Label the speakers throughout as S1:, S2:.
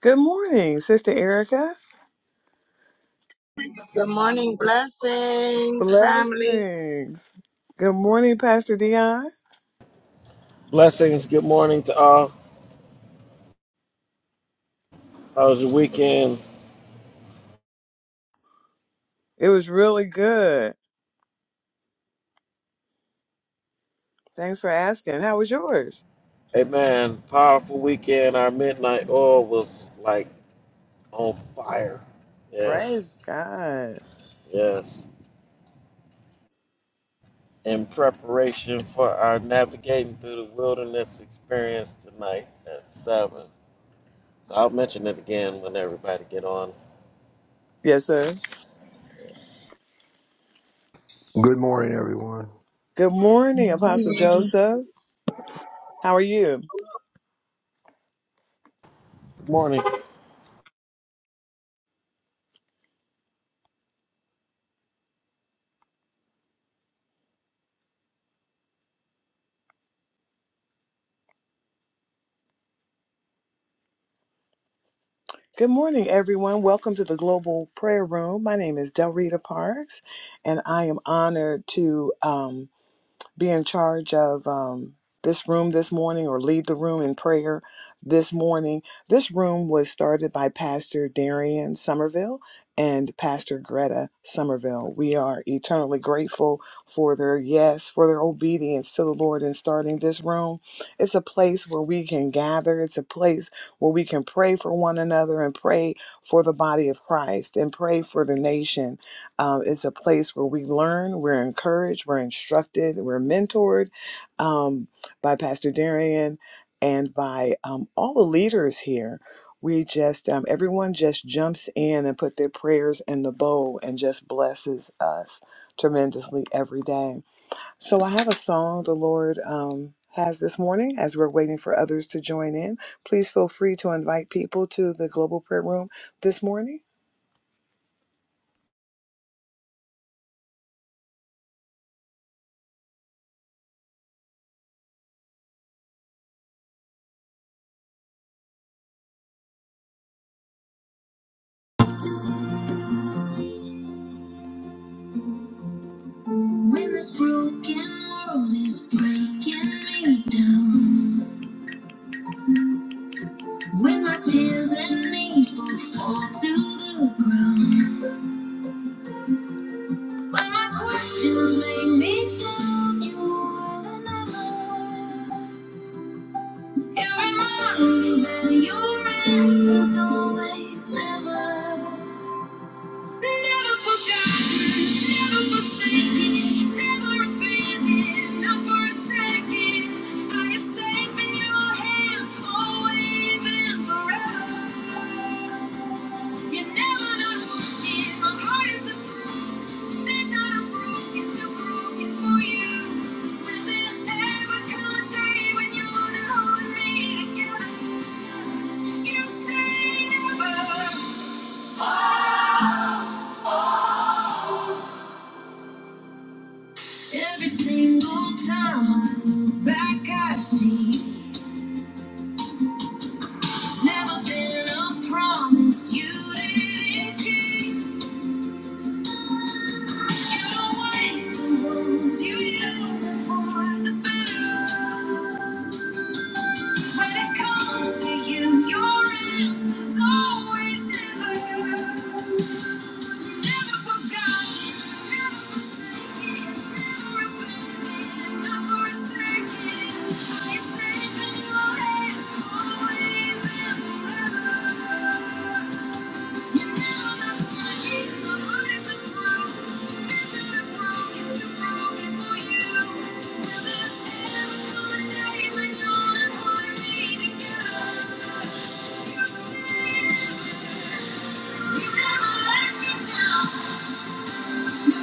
S1: Good morning, Sister Erica.
S2: Good morning, blessings, family.
S1: Blessings. Good morning, Pastor Dion.
S3: Blessings. Good morning to all. How was your weekend?
S1: It was really good. Thanks for asking. How was yours?
S3: Amen. Powerful weekend. Our midnight oil was like on fire. Yeah,
S1: Praise God.
S3: yes. In preparation for our navigating through the wilderness experience tonight at seven. So I'll mention it again when everybody get on.
S1: Yes, sir.
S4: Good morning, everyone.
S1: Good
S2: Good
S1: morning, Apostle
S2: morning.
S1: Joseph. How are you?
S3: Good morning.
S1: Good morning, everyone. Welcome to the Global Prayer Room. My name is Delrita Parks, and I am honored to. Um, be in charge of um, this room this morning or lead the room in prayer this morning. This room was started by Pastor Darian Somerville and Pastor Greta Somerville. We are eternally grateful for their yes, for their obedience to the Lord in starting this room. It's a place where we can gather, it's a place where we can pray for one another and pray for the body of Christ and pray for the nation um, it's a place where we learn, we're encouraged, we're instructed, we're mentored um, by Pastor Darian and by um, all the leaders here. We just, um, everyone just jumps in and put their prayers in the bowl and just blesses us tremendously every day. So I have a song the Lord um, has this morning as we're waiting for others to join in. Please feel free to invite people to the Global Prayer Room this morning. When this broken world is breaking me down. When my tears and knees both fall to the ground. When my questions make me doubt you more than ever. You remind me that your answer's always never. Never forgotten, never forsaken, never abandoned, not for a second. I am safe in your hands, always and forever. You're never not broken, my heart is the proof that broken, too broken for you. Will there ever come day when you're holding me together? You say never. Oh. Every single time I look back, I see it's never been a promise you didn't keep. You don't waste the words you use them for the better. When it comes to you, your answer's always never. Never forgotten, never forsaken, never abandoned, not for a second. I am safe in your hands, always and forever. You never left my heat, my heart is a proof. Been through the broken, too broken for you. Will there ever come a day when you're not holding me together? You said you never let me down. Thank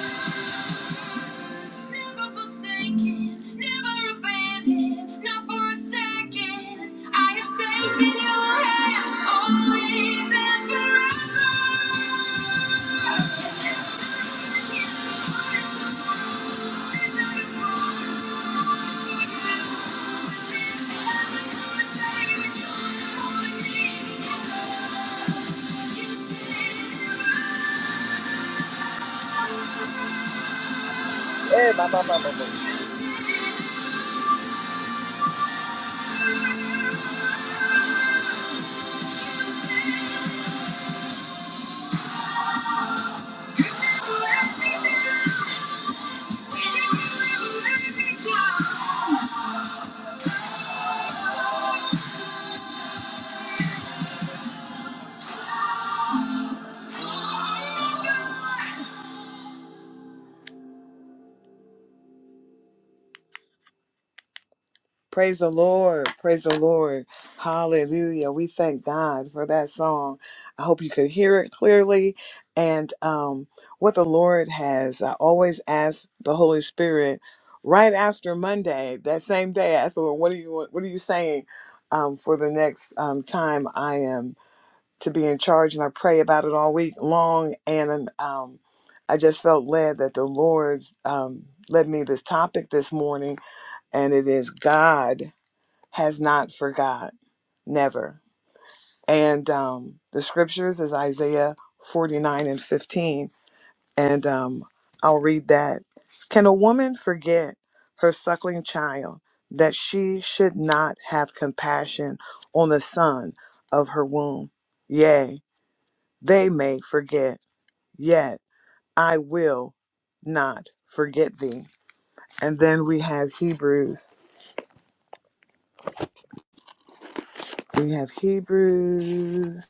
S1: you. Never forsaken, never abandoned, not for a second. I am safe in your hands, always and forever. Eh, ba, ba, ba, ba, ba. Thank you. Praise the Lord. Praise the Lord. Hallelujah. We thank God for that song. I hope you could hear it clearly. And um, what the Lord has, I always ask the Holy Spirit right after Monday, that same day, I ask the Lord, what are you, what are you saying um, for the next um, time I am to be in charge? And I pray about it all week long. And um, I just felt led that the Lord's um, led me this topic this morning, and it is God has not forgot, never. And um, the scriptures is Isaiah 49 and 15. And um, I'll read that. Can a woman forget her suckling child that she should not have compassion on the son of her womb? Yea, they may forget, yet I will not forget thee. And then we have Hebrews. We have Hebrews.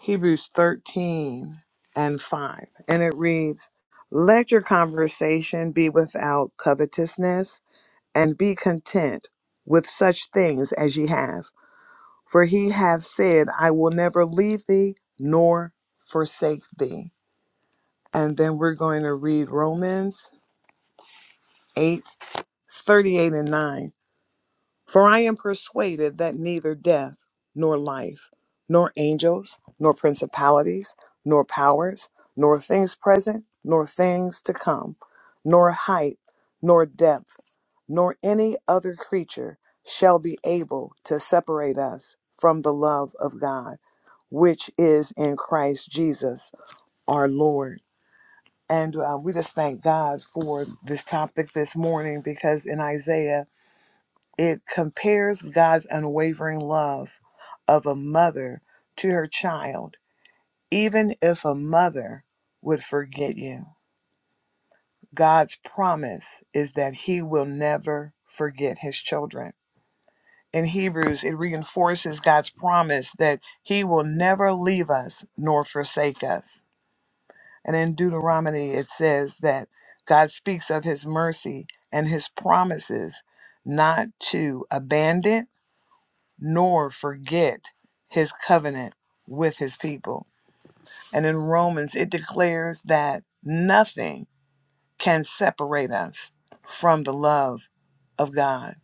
S1: Hebrews 13 and 5. And it reads, Let your conversation be without covetousness, and be content with such things as ye have. For he hath said, I will never leave thee nor forsake thee. And then we're going to read Romans 8 38 and 9. For I am persuaded that neither death, nor life, nor angels, nor principalities, nor powers, nor things present, nor things to come, nor height, nor depth, nor any other creature shall be able to separate us from the love of God, which is in Christ Jesus our Lord. And uh, we just thank God for this topic this morning because in Isaiah it compares God's unwavering love of a mother to her child. Even if a mother would forget you, God's promise is that He will never forget His children. In Hebrews, it reinforces God's promise that He will never leave us nor forsake us. And in Deuteronomy, it says that God speaks of His mercy and His promises not to abandon nor forget his covenant with his people. And in Romans, it declares that nothing can separate us from the love of God.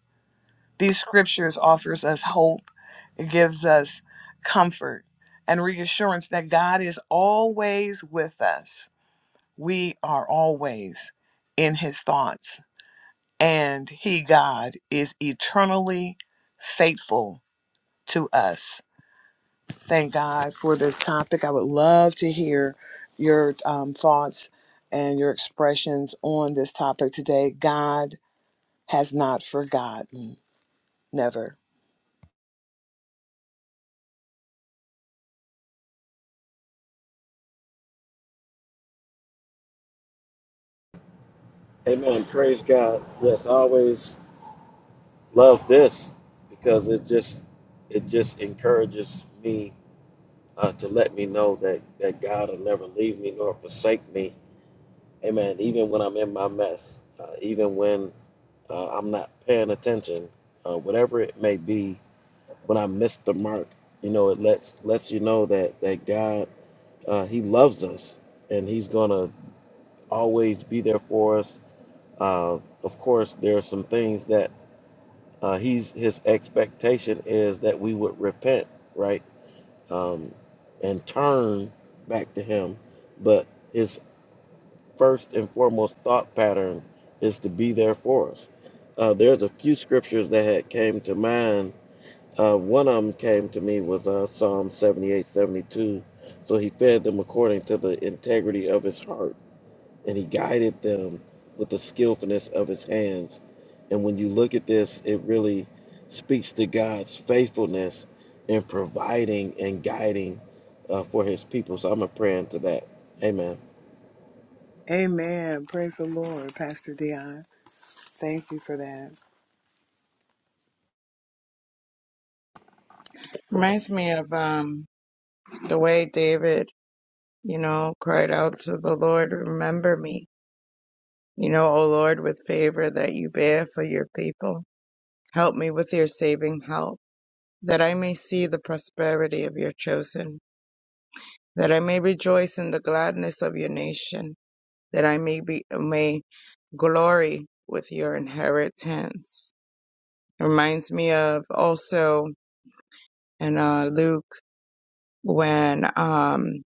S1: These scriptures offers us hope. It gives us comfort and reassurance that God is always with us. We are always in his thoughts and he God is eternally faithful to us Thank God for this topic. I would love to hear your um, thoughts and your expressions on this topic today. God has not forgotten, never.
S3: Amen. Praise God. Yes, I always love this because it just it just encourages me uh, to let me know that, that God will never leave me nor forsake me. Amen. Even when I'm in my mess, uh, even when uh, I'm not paying attention, uh, whatever it may be, when I miss the mark, you know, it lets lets you know that that God uh, He loves us and He's gonna always be there for us. Uh, of course, there are some things that uh, He's His expectation is that we would repent, right? um, and turn back to Him. But His first and foremost thought pattern is to be there for us. Uh, there's a few scriptures that had came to mind. Uh, one of them came to me was uh, Psalm 78, 72. So he fed them according to the integrity of his heart and he guided them with the skillfulness of his hands. And when you look at this, it really speaks to God's faithfulness in providing and guiding uh, for his people. So I'm a prayer into that. Amen.
S1: Amen. Praise the Lord, Pastor Dion. Thank you for that.
S2: Reminds me of um the way David, you know, cried out to the Lord, remember me, you know, O Lord, with favor that you bear for your people. Help me with your saving help, that I may see the prosperity of your chosen, that I may rejoice in the gladness of your nation, that I may be may glory with your inheritance. Reminds me of also in uh, Luke. when um,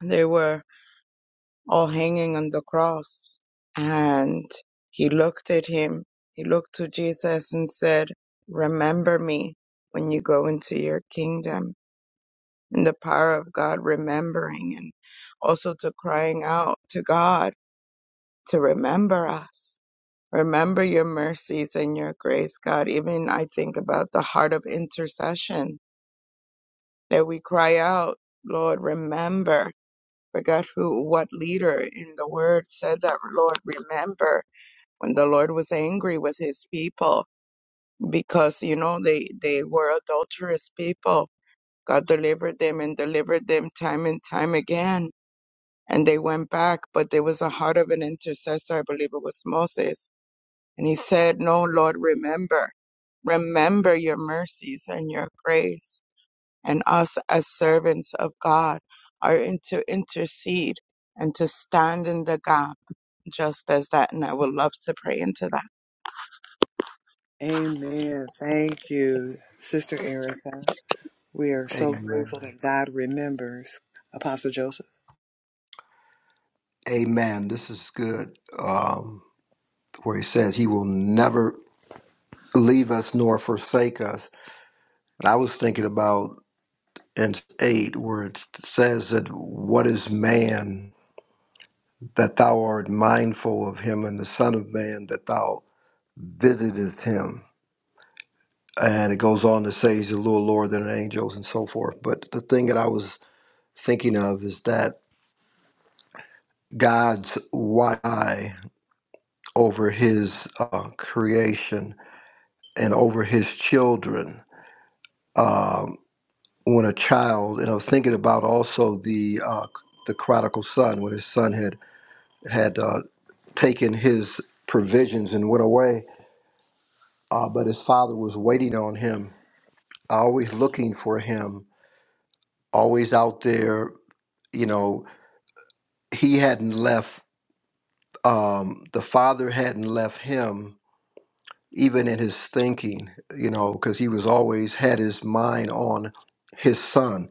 S2: they were all hanging on the cross. And he looked at him, he looked to Jesus and said, Remember me when you go into your kingdom. And the power of God remembering and also to crying out to God to remember us. Remember your mercies and your grace, God. Even I think about the heart of intercession that we cry out, Lord, remember forgot who, what leader in the word said that, Lord, remember when the Lord was angry with his people because, you know, they, they were adulterous people. God delivered them and delivered them time and time again. And they went back, but there was a heart of an intercessor. I believe it was Moses. And he said, no, Lord, remember, remember your mercies and your grace and us as servants of God are in to intercede and to stand in the gap just as that. And I would love to pray into that.
S1: Amen. Thank you, Sister Erica. We are so
S4: Amen.
S1: grateful that God remembers Apostle Joseph.
S4: Amen. This is good. Um, where he says he will never leave us nor forsake us. And I was thinking about in eight, where it says that what is man that thou art mindful of him, and the Son of Man that thou visitest him. And it goes on to say he's a little lower than angels and so forth. But the thing that I was thinking of is that God's wide eye. over his uh, creation and over his children um, when a child and i was thinking about also the uh, the prodigal son when his son had had uh, taken his provisions and went away uh, but his father was waiting on him always looking for him always out there you know he hadn't left um, the father hadn't left him even in his thinking, you know, because he was always had his mind on his son.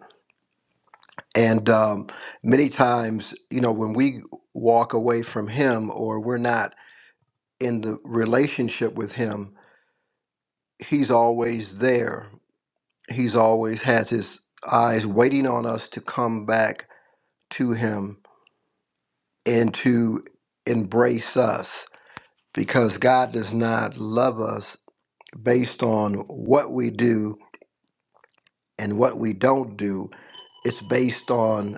S4: And um, many times, you know, when we walk away from him or we're not in the relationship with him, he's always there. He's always has his eyes waiting on us to come back to him and to embrace us because God does not love us based on what we do and what we don't do It's based on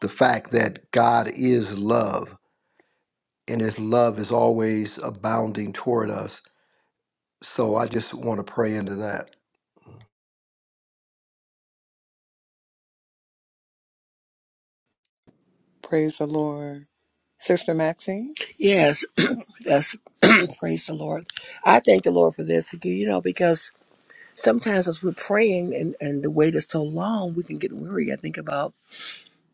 S4: the fact that God is love and his love is always abounding toward us. So I just want to pray into that.
S1: Praise the Lord. Sister Maxine.
S5: Yes, that's praise the Lord. I thank the Lord for this, you know, because sometimes as we're praying and, and the wait is so long, we can get weary. I think about,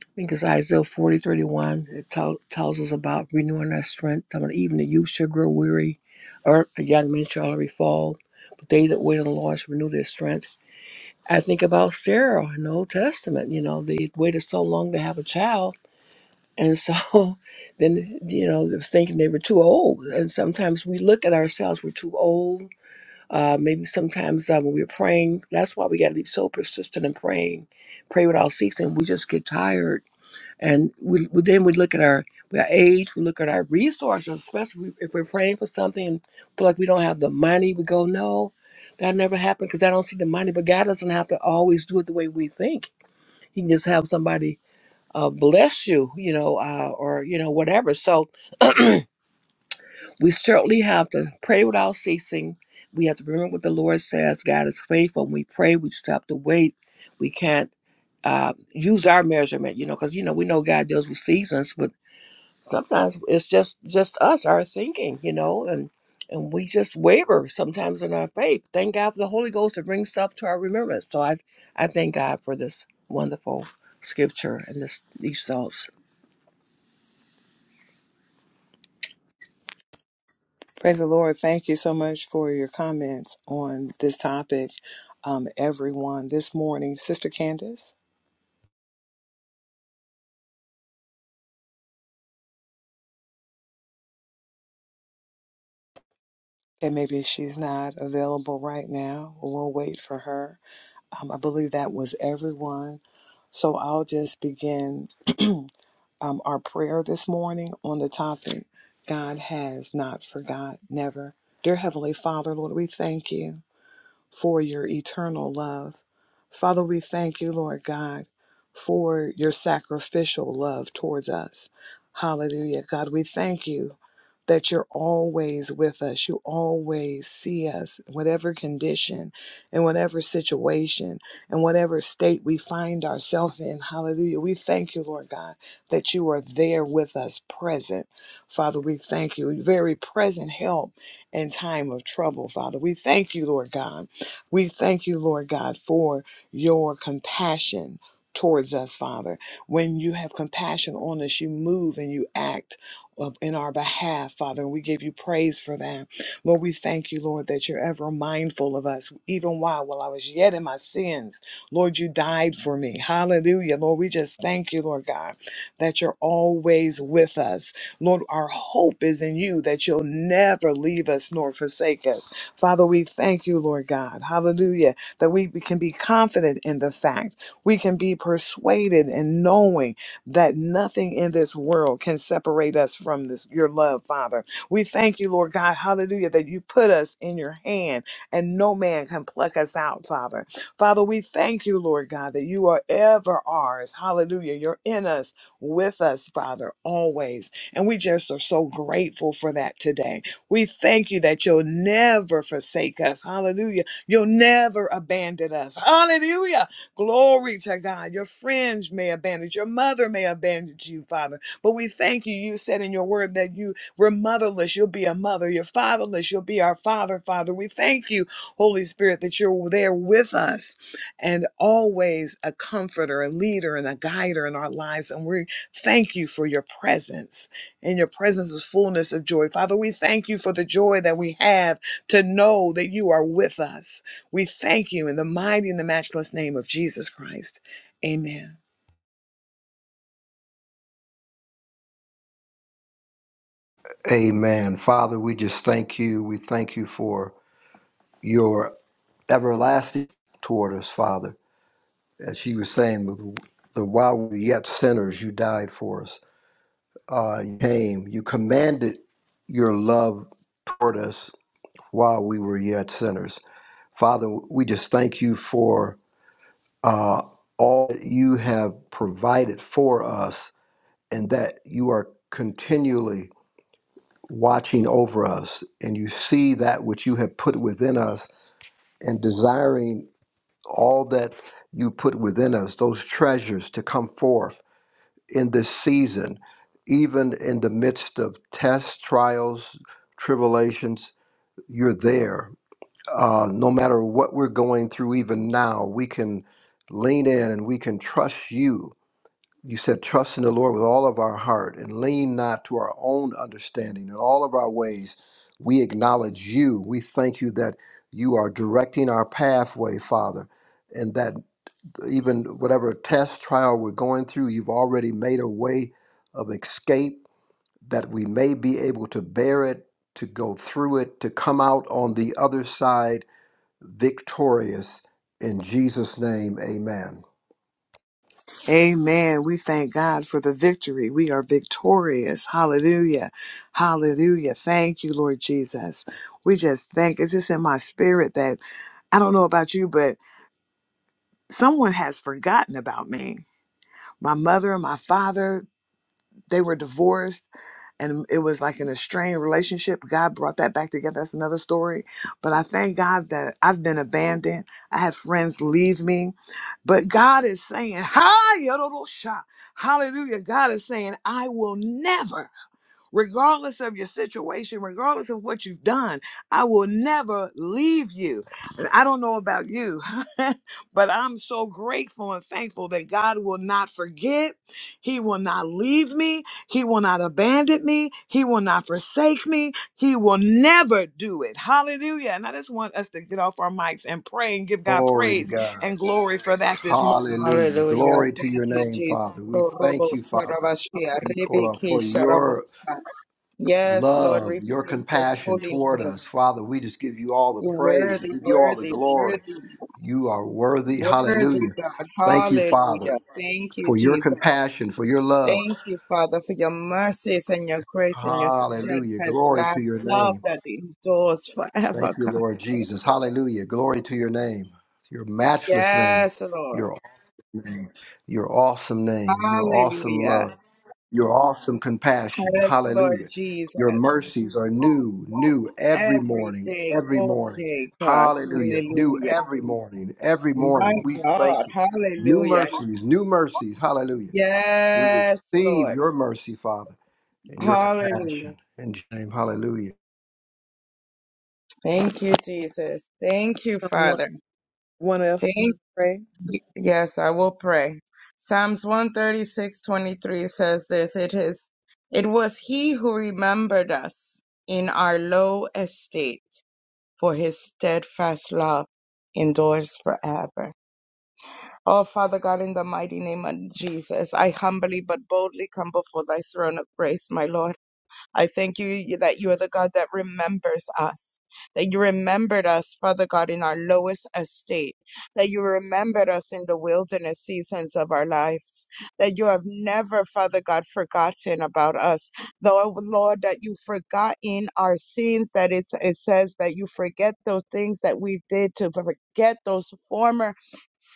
S5: I think it's Isaiah forty thirty one. It tell, tells us about renewing our strength. I mean, even the youth shall grow weary, or a young man shall already fall. But they that wait on the Lord shall renew their strength. I think about Sarah in the Old Testament. You know, they waited so long to have a child and so then, you know, they was thinking they were too old. And sometimes we look at ourselves, we're too old. Uh, maybe sometimes uh, when we're praying, that's why we got to be so persistent in praying, pray without ceasing. We just get tired. And we, we then we look at our, our age, we look at our resources, especially if we're praying for something and feel like we don't have the money, we go, no, that never happened because I don't see the money. But God doesn't have to always do it the way we think. He can just have somebody uh, bless you, you know, uh, or, you know, whatever. So we certainly have to pray without ceasing. We have to remember what the Lord says. God is faithful. When we pray, we just have to wait. We can't uh, use our measurement, you know, because, you know, we know God deals with seasons, but sometimes it's just just us, our thinking, you know, and and we just waver sometimes in our faith. Thank God for the Holy Ghost to bring stuff to our remembrance. So I, I thank God for this wonderful scripture and this, these thoughts.
S1: Praise the Lord. Thank you so much for your comments on this topic, um, everyone. This morning, Sister Candace, and maybe she's not available right now. We'll wait for her. Um, I believe that was everyone. So I'll just begin um, our prayer this morning on the topic God has not forgot, never. Dear Heavenly Father, Lord, we thank you. for your eternal love. Father, we thank you, Lord God, for your sacrificial love towards us. Hallelujah. God, we thank you that you're always with us. You always see us, whatever condition, in whatever situation, in whatever state we find ourselves in. Hallelujah. We thank you, Lord God, that you are there with us, present. Father, we thank you. Very present help in time of trouble, Father. We thank you, Lord God we thank you, Lord God, for your compassion towards us, Father. When you have compassion on us, you move and you act uh, in our behalf, Father, and we give you praise for that. Lord, we thank you, Lord, that you're ever mindful of us, even while while I was yet in my sins. Lord, you died for me. Hallelujah. Lord, we just thank you, Lord God, that you're always with us. Lord, our hope is in you, that you'll never leave us nor forsake us. Father, we thank you, Lord God. Hallelujah. That we can be confident in the fact. We can be persuaded in knowing that nothing in this world can separate us from this your love, Father. We thank you, Lord God. Hallelujah. That you put us in your hand and no man can pluck us out, Father. Father, we thank you, Lord God, that you are ever ours. Hallelujah. You're in us, with us, Father, always. And we just are so grateful for that today. We thank you that you'll never forsake us. Hallelujah. You'll never abandon us. Hallelujah. Glory to God. Your friends may abandon you. Your mother may abandon you, Father. But we thank you. You said in your word that you were motherless. You'll be a mother. You're fatherless. You'll be our father, Father. We thank you, Holy Spirit, that you're there with us and always a comforter, a leader, and a guider in our lives. And we thank you for your presence. In your presence is fullness of joy. Father, we thank you for the joy that we have to know that you are with us. We thank you in the mighty and the matchless name of Jesus Christ. Amen.
S4: Amen. Father, we just thank you. We thank you for your everlasting toward us, Father. As she was saying, with the while we were yet sinners, you died for us. Uh, you came, you commanded your love toward us while we were yet sinners. Father, we just thank you for uh, all that you have provided for us and that you are continually watching over us and you see that which you have put within us and desiring all that you put within us, those treasures to come forth in this season, even in the midst of tests, trials, tribulations, you're there. Uh, no matter what we're going through, even now, we can lean in and we can trust you You said, trust in the Lord with all of our heart and lean not to our own understanding. In all of our ways, we acknowledge you. We thank you that you are directing our pathway, Father, and that even whatever test, trial we're going through, you've already made a way of escape that we may be able to bear it, to go through it, to come out on the other side victorious. In Jesus' name, amen.
S1: Amen. We thank God for the victory. We are victorious. Hallelujah. Hallelujah. Thank you, Lord Jesus. We just thank, it's just in my spirit that I don't know about you, but someone has forgotten about me. My mother and my father, they were divorced and it was like an estranged relationship. God brought that back together. That's another story. But I thank God that I've been abandoned. I had friends leave me. But God is saying, Hi, Yorodosha. Hallelujah. God is saying, I will never regardless of your situation, regardless of what you've done, I will never leave you. And I don't know about you, but I'm so grateful and thankful that God will not forget. He will not leave me. He will not abandon me. He will not forsake me. He will never do it. Hallelujah. And I just want us to get off our mics and pray and give God
S4: Glory to
S1: praise
S4: God.
S1: and glory for that this morning.
S4: Hallelujah.
S2: Hallelujah.
S4: Glory to
S2: Thank
S4: your
S2: you,
S4: name,
S2: Jesus.
S4: Father. We thank you, Father. Nicola, for your
S2: Yes, Lord, we
S4: love, your
S2: praise your
S4: compassion
S2: holy
S4: toward
S2: name.
S4: us. Father, we just give you all the
S2: You're
S4: praise,
S2: worthy,
S4: we give you all the
S2: worthy,
S4: glory.
S2: worthy.
S4: You are worthy.
S2: Worthy
S4: Hallelujah.
S2: God.
S4: Thank you, Father,
S2: Hallelujah. Thank you,
S4: for your
S2: Jesus.
S4: compassion, for your love.
S2: Thank you, Father, for your mercies and your grace and your
S4: Hallelujah.
S2: steadfast
S4: Glory
S2: love,
S4: to your
S2: love
S4: name.
S2: that endures
S4: Thank
S2: forever,
S4: you,
S2: God.
S4: Lord Jesus. Hallelujah. Glory to your name, your matchless name,
S2: Yes, Lord.
S4: your awesome name, your awesome name, your awesome
S2: Hallelujah.
S4: love. Your awesome compassion.
S2: Yes, Lord
S4: Hallelujah.
S2: Jesus.
S4: Your mercies are new, new every
S2: Every
S4: morning,
S2: day,
S4: every
S2: all
S4: morning.
S2: day, God.
S4: Hallelujah. New
S2: Hallelujah.
S4: every morning, every
S2: My
S4: morning. We
S2: God.
S4: thank you. New
S2: Hallelujah.
S4: mercies, new mercies. Hallelujah. We
S2: Yes,
S4: receive
S2: Lord.
S4: your mercy, Father, and your
S2: Hallelujah.
S4: compassion. In Jesus' name, hallelujah.
S2: Thank you, Jesus. Thank you,
S1: Someone,
S2: Father.
S1: want us
S2: Thank
S1: to
S2: you.
S1: pray?
S2: Yes, I will pray. Psalms 136:23 says this, it is it was he who remembered us in our low estate, for his steadfast love endures forever. Oh, Father God, in the mighty name of Jesus, I humbly but boldly come before thy throne of grace, my Lord. I thank you that you are the God that remembers us, that you remembered us, Father God, in our lowest estate, that you remembered us in the wilderness seasons of our lives, that you have never, Father God, forgotten about us. Though, oh, Lord, that you forgot in our sins, that it's, it says that you forget those things that we did to forget those former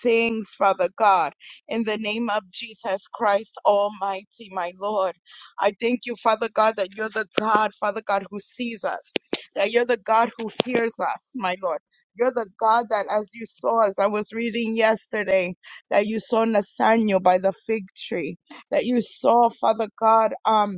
S2: things, Father God, in the name of Jesus Christ Almighty, my Lord. I thank you, Father God, that you're the God, Father God, who sees us, that you're the God who hears us, my Lord. You're the God that, as you saw, as I was reading yesterday, that you saw Nathaniel by the fig tree, that you saw, Father God, um,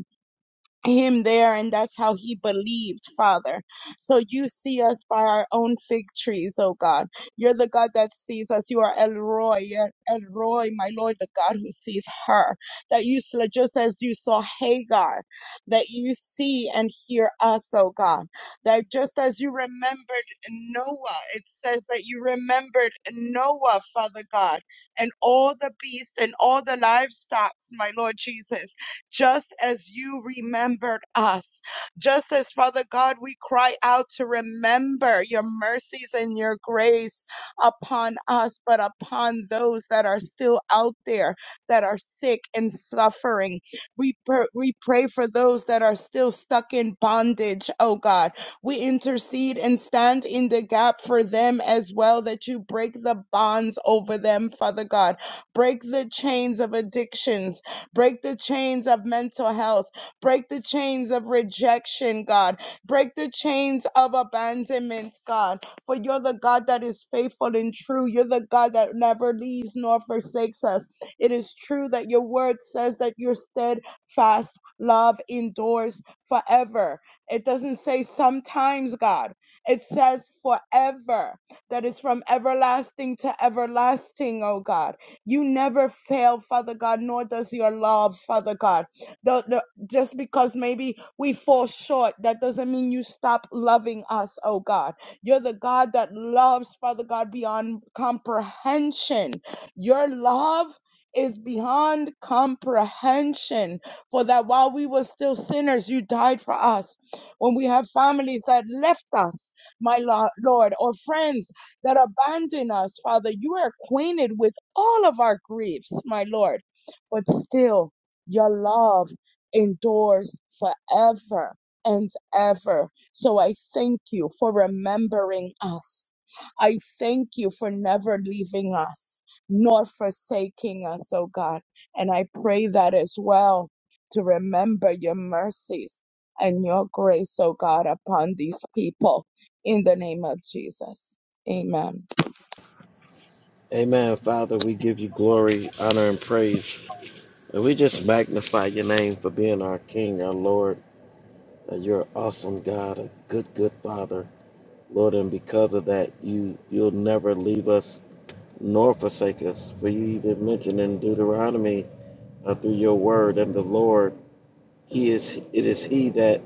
S2: him there and that's how he believed father so you see us by our own fig trees oh god you're the god that sees us you are el roy El roy my lord the god who sees her that you s- just as you saw hagar that you see and hear us oh god that just as you remembered noah it says that you remembered noah father god and all the beasts and all the livestock my lord jesus just as you remembered us. Just as, Father God, we cry out to remember your mercies and your grace upon us, but upon those that are still out there that are sick and suffering. We, pr- we pray for those that are still stuck in bondage, oh God. We intercede and stand in the gap for them as well, that you break the bonds over them, Father God. Break the chains of addictions Break the chains of mental health. Break the chains of rejection, God. Break the chains of abandonment, God. For you're the God that is faithful and true. You're the God that never leaves nor forsakes us. It is true that your word says that your steadfast love endures forever. It doesn't say sometimes, God. It says forever. That is from everlasting to everlasting, oh God. You never fail, Father God, nor does your love, Father God. The, the, just because maybe we fall short, that doesn't mean you stop loving us, oh God. You're the God that loves, Father God, beyond comprehension. Your love is beyond comprehension for that while we were still sinners you died for us when we have families that left us my lo- lord or friends that abandon us, Father. You are acquainted with all of our griefs, my Lord, but still, your love endures forever and ever. So I thank you for remembering us. I thank you for never leaving us nor forsaking us, oh God. And I pray that as well to remember your mercies and your grace, oh God, upon these people in the name of Jesus. Amen.
S3: Amen. Father, we give you glory, honor, and praise. And we just magnify your name for being our King, our Lord. Uh, You're an awesome God, a good, good Father. Lord, and because of that, you you'll never leave us nor forsake us. For you even mentioned in Deuteronomy uh, through your word and the Lord he is it is he that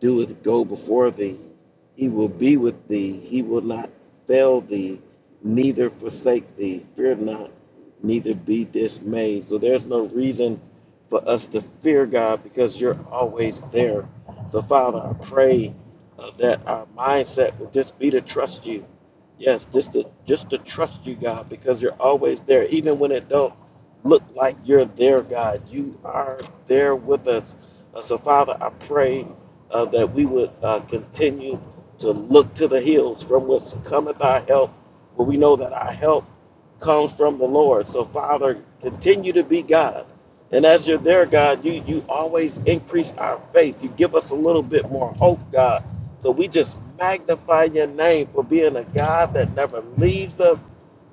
S3: doeth go before thee. He will be with thee. He will not fail thee, neither forsake thee. Fear not, neither be dismayed. So there's no reason for us to fear God because you're always there. So Father, I pray uh, that our mindset would just be to trust you. Yes, just to just to trust you, God, because you're always there, even when it don't look like you're there, God. You are there with us. Uh, so, Father, I pray uh, that we would uh, continue to look to the hills from whence cometh our help, for we know that our help comes from the Lord. So, Father, continue to be God. And as you're there, God, you, you always increase our faith. You give us a little bit more hope, God. So we just magnify your name for being a God that never leaves us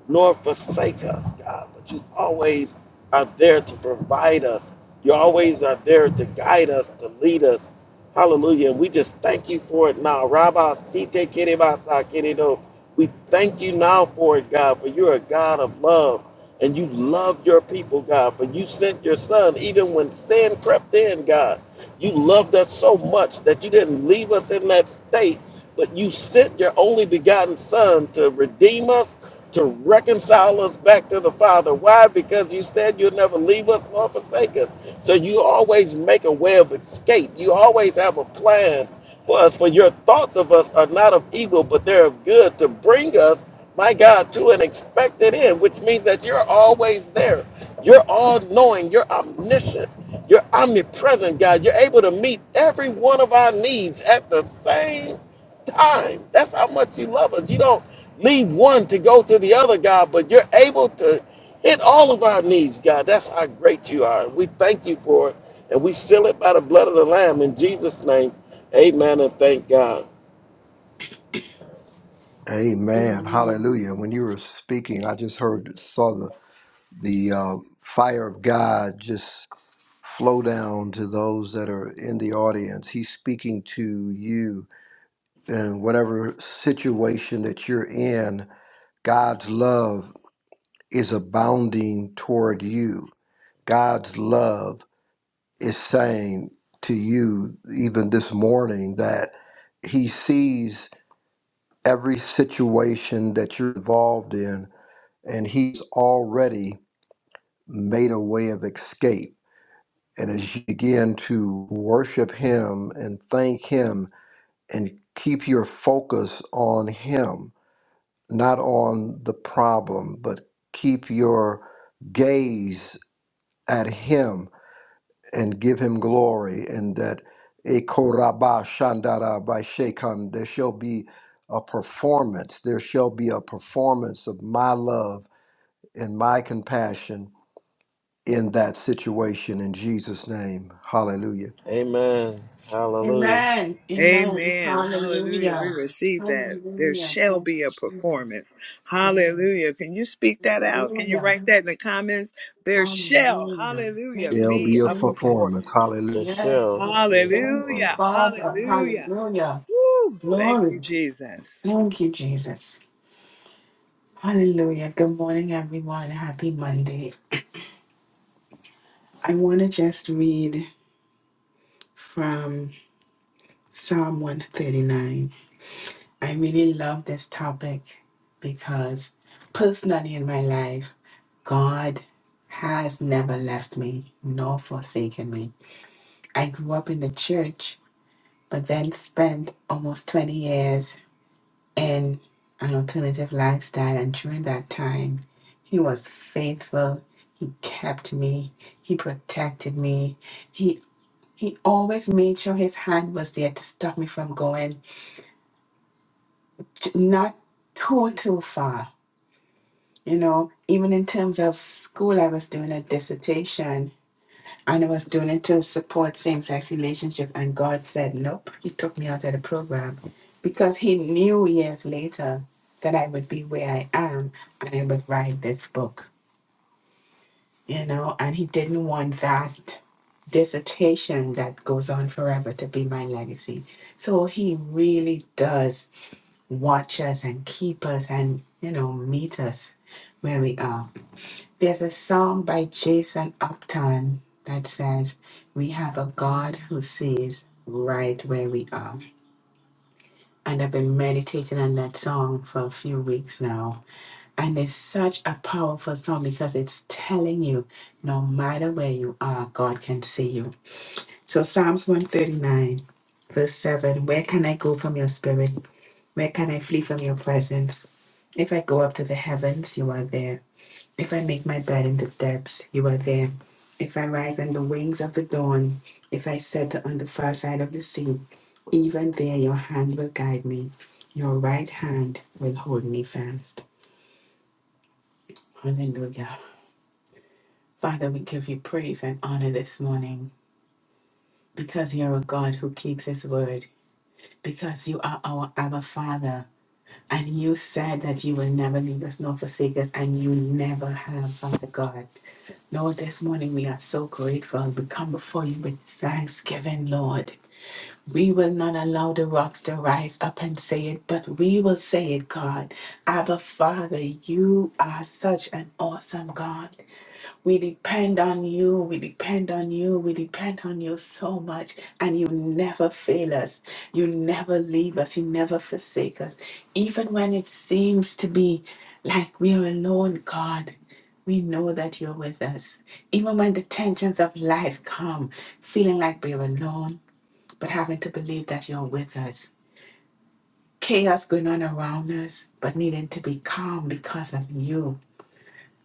S3: nor forsake us, God. But you always are there to provide us. You always are there to guide us, to lead us. Hallelujah. And we just thank you for it now. Rabba Site Kerebasa Keredo. We thank you now for it, God, for you're a God of love. And you love your people, God, for you sent your son even when sin crept in, God. You loved us so much that you didn't leave us in that state, but you sent your only begotten son to redeem us to reconcile us back to the Father. Why? Because you said you'll never leave us nor forsake us. So you always make a way of escape. You always have a plan for us. For your thoughts of us are not of evil, but they're of good to bring us, my God, to an expected end, which means that you're always there. You're all knowing. You're omniscient. You're omnipresent, God. You're able to meet every one of our needs at the same time. That's how much you love us. You don't leave one to go to the other, God, but you're able to hit all of our needs, God. That's how great you are. We thank you for it, and we seal it by the blood of the Lamb in Jesus' name. Amen and thank God.
S4: Amen.
S6: Amen.
S4: Hallelujah. When you were speaking, I just heard, saw the the uh, fire of God just flow down to those that are in the audience. He's speaking to you in whatever situation that you're in. God's love is abounding toward you. God's love is saying to you, even this morning, that He sees every situation that you're involved in and He's already made a way of escape And as you begin to worship Him and thank Him and keep your focus on Him, not on the problem, but keep your gaze at Him and give Him glory, and that Ekoraba Shandara by Shekan, there shall be a performance. There shall be a performance of my love and my compassion in that situation in Jesus' name. Hallelujah.
S3: Amen. Hallelujah.
S6: Amen. Amen.
S1: Amen. Hallelujah. We
S6: Hallelujah.
S1: receive that. There
S6: Hallelujah.
S1: shall
S6: Thank
S1: be
S6: you,
S1: a
S6: Jesus.
S1: performance. Hallelujah.
S6: Yes.
S1: Can you speak that out? Can you
S6: Hallelujah.
S1: write that in the comments? There shall,
S6: Hallelujah.
S1: hallelujah,
S6: Thank
S4: There'll
S6: you,
S1: be
S4: be a
S1: a
S6: Jesus.
S4: performance.
S1: performance.
S4: Hallelujah.
S6: Yes,
S3: Michelle,
S6: Lord.
S3: you have
S6: Thank you,
S1: Hallelujah.
S3: promise.
S6: Father.
S1: Hallelujah.
S6: Hallelujah.
S1: Woo. Thank
S6: Glory.
S1: you, Jesus.
S6: Thank you, Jesus. Hallelujah. Good morning, everyone. Happy Monday. I want to just read from Psalm 139. I really love this topic because personally in my life, God has never left me nor forsaken me. I grew up in the church, but then spent almost 20 years in an alternative lifestyle. And during that time, He was faithful. He kept me. He protected me. He he always made sure his hand was there to stop me from going j- not too too far You know, even in terms of school, I was doing a dissertation and I was doing it to support same sex relationship, and God said nope. He took me out of the program because He knew years later that I would be where I am and I would write this book. You know, and He didn't want that dissertation that goes on forever to be my legacy. So He really does watch us and keep us and you know meet us where we are. There's a song by Jason Upton that says, We have a God who sees right where we are. And I've been meditating on that song for a few weeks now. And it's such a powerful song because it's telling you no matter where you are, God can see you. So, Psalms 139, verse 7 Where can I go from your spirit? Where can I flee from your presence? If I go up to the heavens, you are there. If I make my bed in the depths, you are there. If I rise on the wings of the dawn, if I settle on the far side of the sea, even there your hand will guide me. Your right hand will hold me fast. Hallelujah. Father, we give you praise and honor this morning because you're a God who keeps his word, because you are our Abba Father. And you said that you will never leave us nor forsake us, and you never have, Father God. Lord, this morning we are so grateful. We come before you with thanksgiving, Lord. We will not allow the rocks to rise up and say it, but we will say it, God. Abba, Father, you are such an awesome God. We depend on you. We depend on you. We depend on you so much. And you never fail us. You never leave us. You never forsake us. Even when it seems to be like we are alone, God, we know that you're with us. Even when the tensions of life come, feeling like we're alone, but having to believe that you're with us. Chaos going on around us, but needing to be calm because of you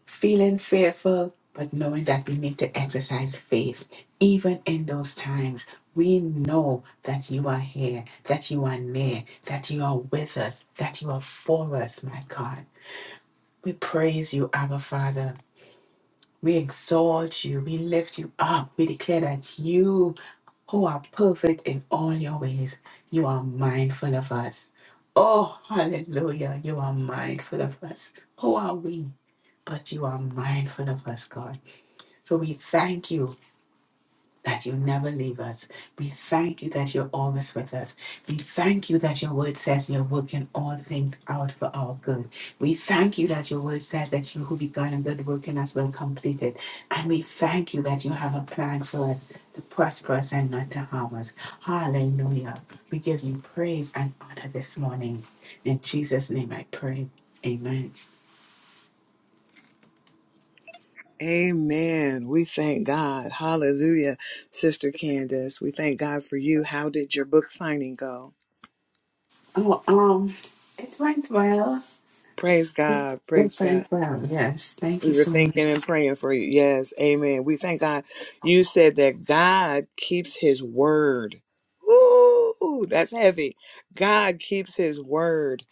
S6: feeling fearful, but knowing that we need to exercise faith. Even in those times, we know that you are here, that you are near, that you are with us, that you are for us, my God. We praise you, Abba Father. We exalt you. We lift you up. We declare that you, who are perfect in all your ways, you are mindful of us. Oh, hallelujah. You are mindful of us. Who are we? But you are mindful of us, God. So we thank you that you never leave us. We thank you that you're always with us. We thank you that your word says you're working all things out for our good. We thank you that your word says that you who begun a good work in us will complete it. And we thank you that you have a plan for us to prosper us and not to harm us. Hallelujah. We give you praise and honor this morning. In Jesus' name I pray. Amen.
S1: Amen. We thank God. Hallelujah. Sister Candace, we thank God for you. How did your book signing go?
S6: Oh, um, it went well.
S1: Praise God.
S6: It
S1: Praise God.
S6: went well. Yes. Thank you
S1: We were
S6: so much.
S1: thinking and praying for you. Yes, amen. We thank God. You said that God keeps his word. Ooh, that's heavy. God keeps his word.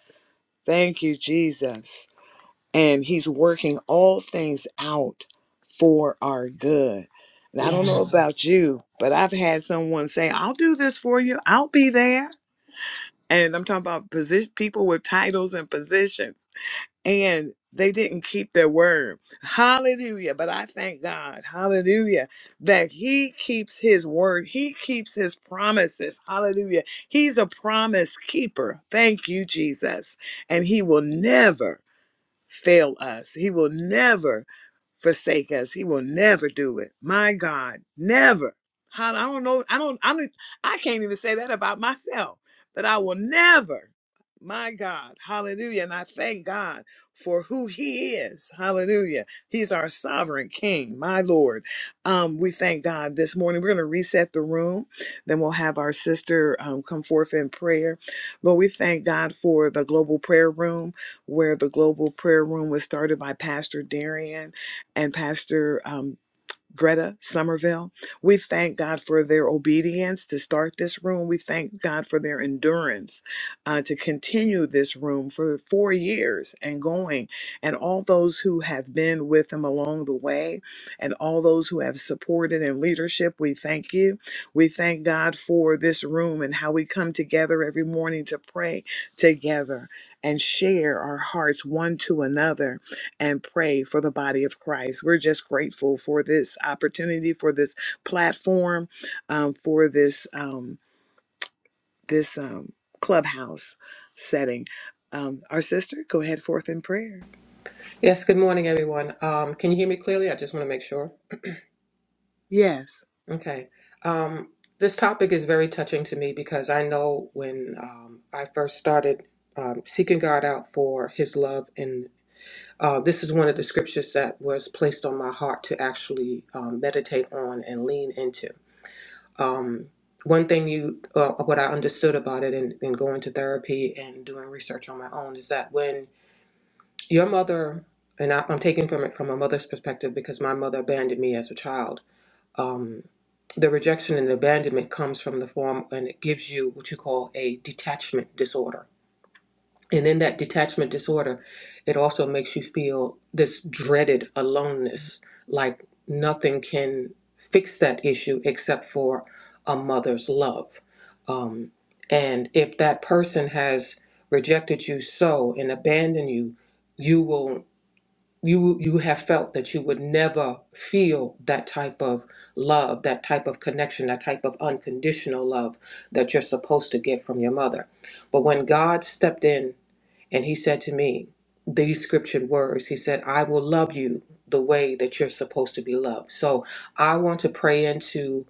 S1: Thank you, Jesus. And he's working all things out for our good. And I don't know
S6: Yes.
S1: about you, but I've had someone say, I'll do this for you. I'll be there. And I'm talking about position, people with titles and positions and they didn't keep their word. Hallelujah. But I thank God, hallelujah, that He keeps His word, He keeps His promises. Hallelujah. He's a promise keeper. Thank you, Jesus. And He will never fail us, He will never forsake us. He will never do it. My God, never. How- I don't know. I don't. I don't. I can't even say that about myself. That I will never. My God, Hallelujah! And I thank God for who He is. Hallelujah! He's our sovereign King, my Lord. Um, we thank God this morning. We're going to reset the room, then we'll have our sister um, come forth in prayer. But we thank God for the global prayer room, where the global prayer room was started by Pastor Darian and Pastor um, Greta Somerville. We thank God for their obedience to start this room. We thank God for their endurance uh, to continue this room for four years and going, and all those who have been with them along the way, and all those who have supported in leadership. We thank you. We thank God for this room and how we come together every morning to pray together and share our hearts one to another and pray for the body of Christ. We're just grateful for this opportunity, for this platform, um, for this um, this um, clubhouse setting. Um, our sister, go ahead forth in prayer.
S7: Yes, good morning, everyone. Um, can you hear me clearly? I just want to make sure.
S1: Yes.
S7: Okay. Um, this topic is very touching to me because I know when um, I first started um, seeking God out for His love, and uh, this is one of the scriptures that was placed on my heart to actually um, meditate on and lean into. Um, one thing you, uh, what I understood about it in, in going to therapy and doing research on my own is that when Your mother, and I, I'm taking from it from my mother's perspective because my mother abandoned me as a child. Um, the rejection and abandonment comes from the form, and it gives you what you call a detachment disorder. And in that detachment disorder, it also makes you feel this dreaded aloneness, like nothing can fix that issue except for a mother's love. Um, and if that person has rejected you so and abandoned you, you will you you have felt that you would never feel that type of love that type of connection that type of unconditional love that you're supposed to get from your mother but when god stepped in and he said to me these scriptured words He said, I will love you the way that you're supposed to be loved. So I want to pray into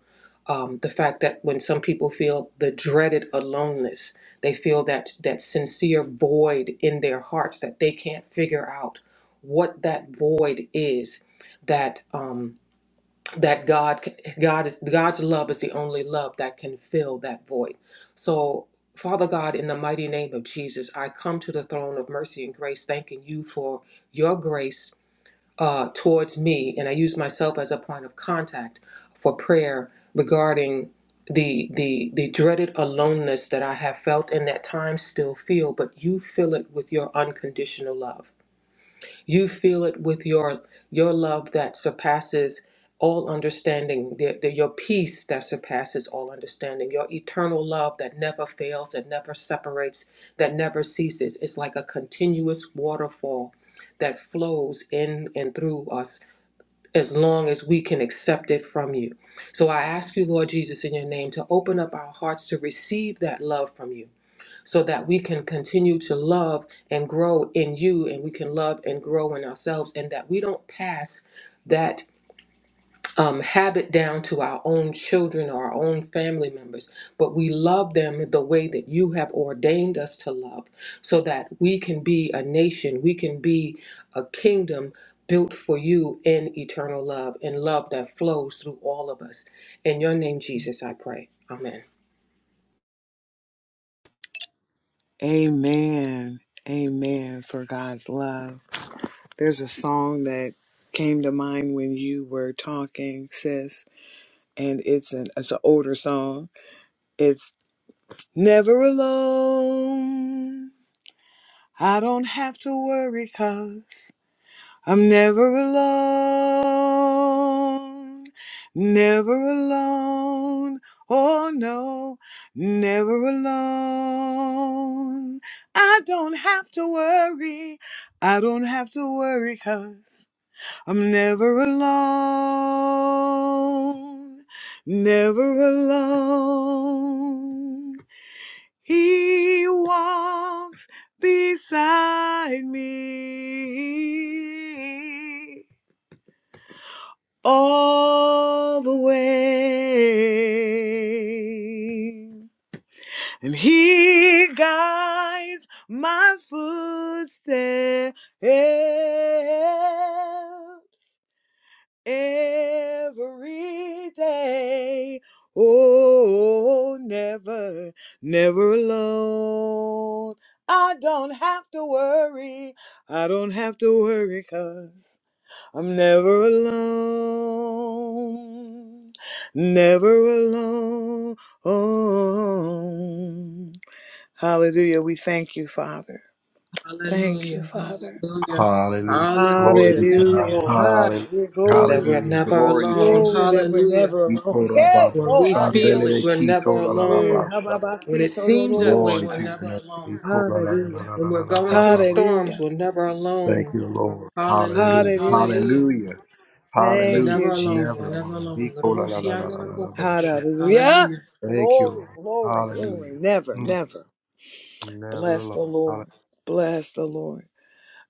S7: um, the fact that when some people feel the dreaded aloneness, they feel that that sincere void in their hearts that they can't figure out what that void is that. Um, that God God is God's love is the only love that can fill that void. So Father God, in the mighty name of Jesus, I come to the throne of mercy and grace, thanking you for your grace uh, towards me, and I use myself as a point of contact for prayer regarding the the the dreaded aloneness that I have felt and at times still feel, but you fill it with your unconditional love. You feel it with your your love that surpasses all understanding, the, the, your peace that surpasses all understanding, your eternal love that never fails, that never separates, that never ceases. It's like a continuous waterfall that flows in and through us as long as we can accept it from you. So I ask you, Lord Jesus, in your name, to open up our hearts to receive that love from you so that we can continue to love and grow in you and we can love and grow in ourselves and that we don't pass that um, habit down to our own children or our own family members, but we love them the way that you have ordained us to love so that we can be a nation, we can be a kingdom built for you in eternal love and love that flows through all of us. In your name, Jesus, I pray. Amen.
S1: Amen. Amen for God's love. There's a song that came to mind when you were talking, sis, and it's an it's an older song. It's never alone. I don't have to worry i I'm never alone. Never alone. Oh no, never alone. I don't have to worry. I don't have to worry i I'm never alone. Never alone. He walks beside me all the way. And he guides my footsteps. every day. Oh, never, never alone. I don't have to worry. I don't have to worry because I'm never alone. Never alone. Hallelujah. We thank you, Father. Thank you,
S7: Hallelujah.
S1: Father.
S7: Hallelujah.
S4: Hallelujah. Glory
S7: Hallelujah.
S4: to
S7: Thank you,
S4: God.
S1: Hallelujah.
S7: Lord,
S4: Hallelujah.
S1: Hallelujah.
S7: that
S1: Glory.
S7: we're
S4: Hallelujah.
S7: never
S4: Glory to
S7: alone.
S4: Jesus.
S1: Glory that we're
S7: Hallelujah.
S1: never
S4: Iko
S1: alone. Hey,
S4: raba
S7: When
S4: ba
S7: we
S1: glory.
S7: feel
S4: shandele
S7: it,
S4: de
S7: we're
S1: Yorosha.
S4: kito
S7: never
S4: la la la
S1: Yeah,
S4: ba
S7: alone.
S4: shande.
S7: When it
S1: hababasi
S7: seems that way,
S4: Glory
S7: we're
S4: to
S1: tororosha.
S4: your
S7: never
S4: name.
S7: alone.
S4: Iko la la la
S1: Hallelujah.
S4: la
S7: When
S4: la
S7: we're
S4: la la
S7: going
S4: ba
S7: through
S4: ba ba.
S7: storms,
S1: Hallelujah.
S7: we're never
S4: Thank
S7: alone.
S4: you, Lord.
S7: Hallelujah.
S4: Hallelujah.
S1: Hallelujah.
S7: Hallelujah.
S4: Hallelujah.
S7: We're
S1: Thank
S4: Hallelujah.
S1: you,
S7: never alone.
S4: Never
S7: We're never
S1: Jesus.
S4: alone.
S7: alone.
S4: Iko la la la la la la la ba shande.
S1: Hallelujah.
S7: Hallelujah.
S4: Thank you,
S1: Glory,
S4: Lord.
S1: glory, glory.
S4: Hallelujah.
S1: Never,
S4: Mm.
S1: never.
S4: Never
S1: Bless the
S4: alone.
S1: Lord. Bless the Lord.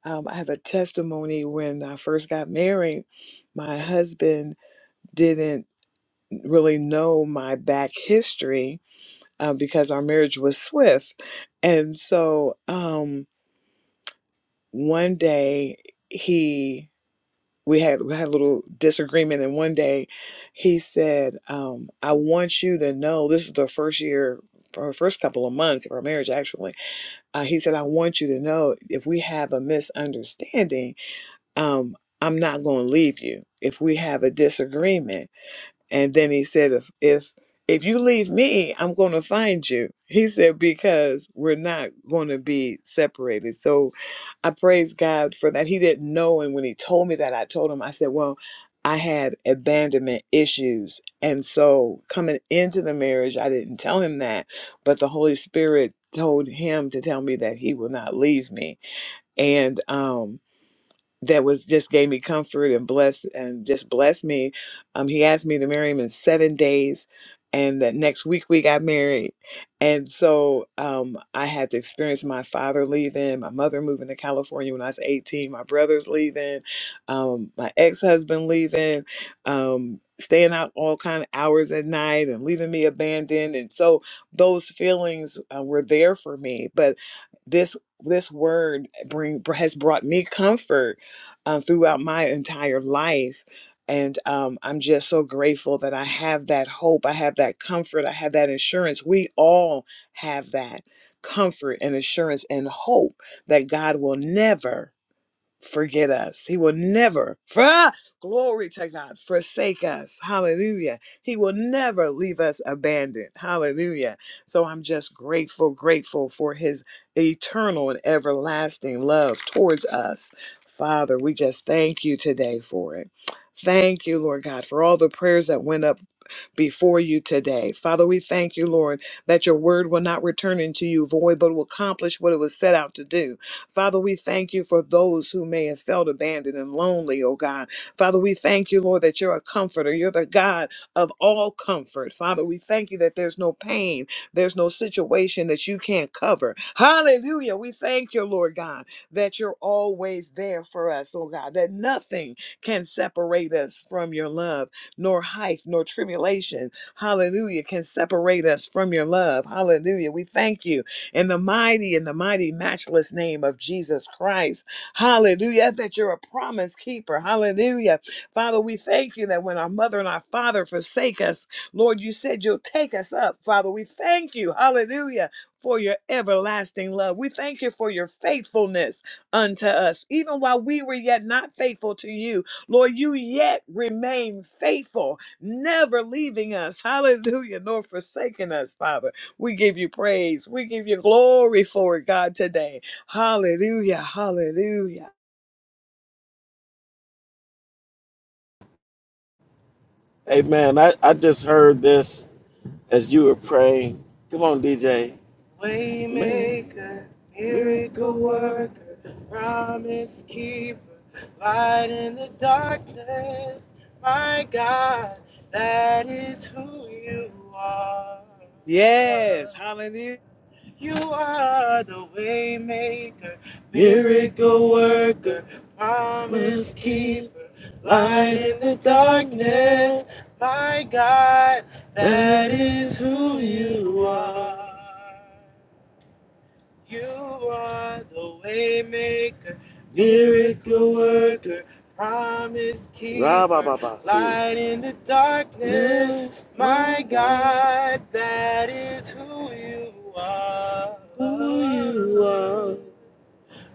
S1: Um, I have a testimony when I first got married. My husband didn't really know my back history uh, because our marriage was swift. And so um, one day he we had we had a little disagreement, and one day he said, um, "I want you to know this is the first year." Or first couple of months of our marriage, actually, uh, he said, "I want you to know if we have a misunderstanding, um, I'm not going to leave you. If we have a disagreement." And then he said, if if if you leave me, I'm going to find you. He said because we're not going to be separated. So I praise God for that. He didn't know and when he told me that I told him I said, "Well, I had abandonment issues." And so coming into the marriage, I didn't tell him that, but the Holy Spirit told him to tell me that he will not leave me. And um that was just gave me comfort and blessed and just blessed me. Um, he asked me to marry him in seven days, and that next week we got married. And so um, I had to experience my father leaving, my mother moving to California when I was 18, my brothers leaving, um, my ex husband leaving, um, staying out all kind of hours at night and leaving me abandoned. And so those feelings uh, were there for me, but this this word bring has brought me comfort uh, throughout my entire life. And um, I'm just so grateful that I have that hope, I have that comfort, I have that assurance. We all have that comfort and assurance and hope that God will never forget us. He will never, for, glory to God, forsake us. Hallelujah. He will never leave us abandoned. Hallelujah. So I'm just grateful, grateful for his eternal and everlasting love towards us. Father, we just thank you today for it. Thank you, Lord God, for all the prayers that went up before you today. Father, we thank you, Lord, that your word will not return into you void, but will accomplish what it was set out to do. Father, we thank you for those who may have felt abandoned and lonely, oh God. Father, we thank you, Lord, that you're a comforter. You're the God of all comfort. Father, we thank you that there's no pain, there's no situation that you can't cover. Hallelujah. We thank you, Lord God, that you're always there for us, oh God, that nothing can separate us from your love nor height, nor tribulation, hallelujah, can separate us from your love. Hallelujah. We thank you in the mighty and the mighty matchless name of Jesus Christ. Hallelujah, that you're a promise keeper. Hallelujah. Father, we thank you that when our mother and our father forsake us, Lord, you said you'll take us up. Father, we thank you. Hallelujah. For your everlasting love. We thank you for your faithfulness unto us, even while we were yet not faithful to you. Lord, you yet remain faithful, never leaving us. Hallelujah, nor forsaking us, Father. We give you praise. We give you glory for it, God, today. Hallelujah, hallelujah.
S3: Amen. I, I just heard this. as you were praying. Come on, DJ. Waymaker, miracle worker, promise keeper, light in the darkness. My God, that is who you are.
S1: Yes, hallelujah.
S3: You are the way maker, miracle worker, promise keeper, light in the darkness. My God, that is who you are. You are the way maker, miracle worker, promise keeper, light in the darkness. Yes, my God, that is who you are. who you are.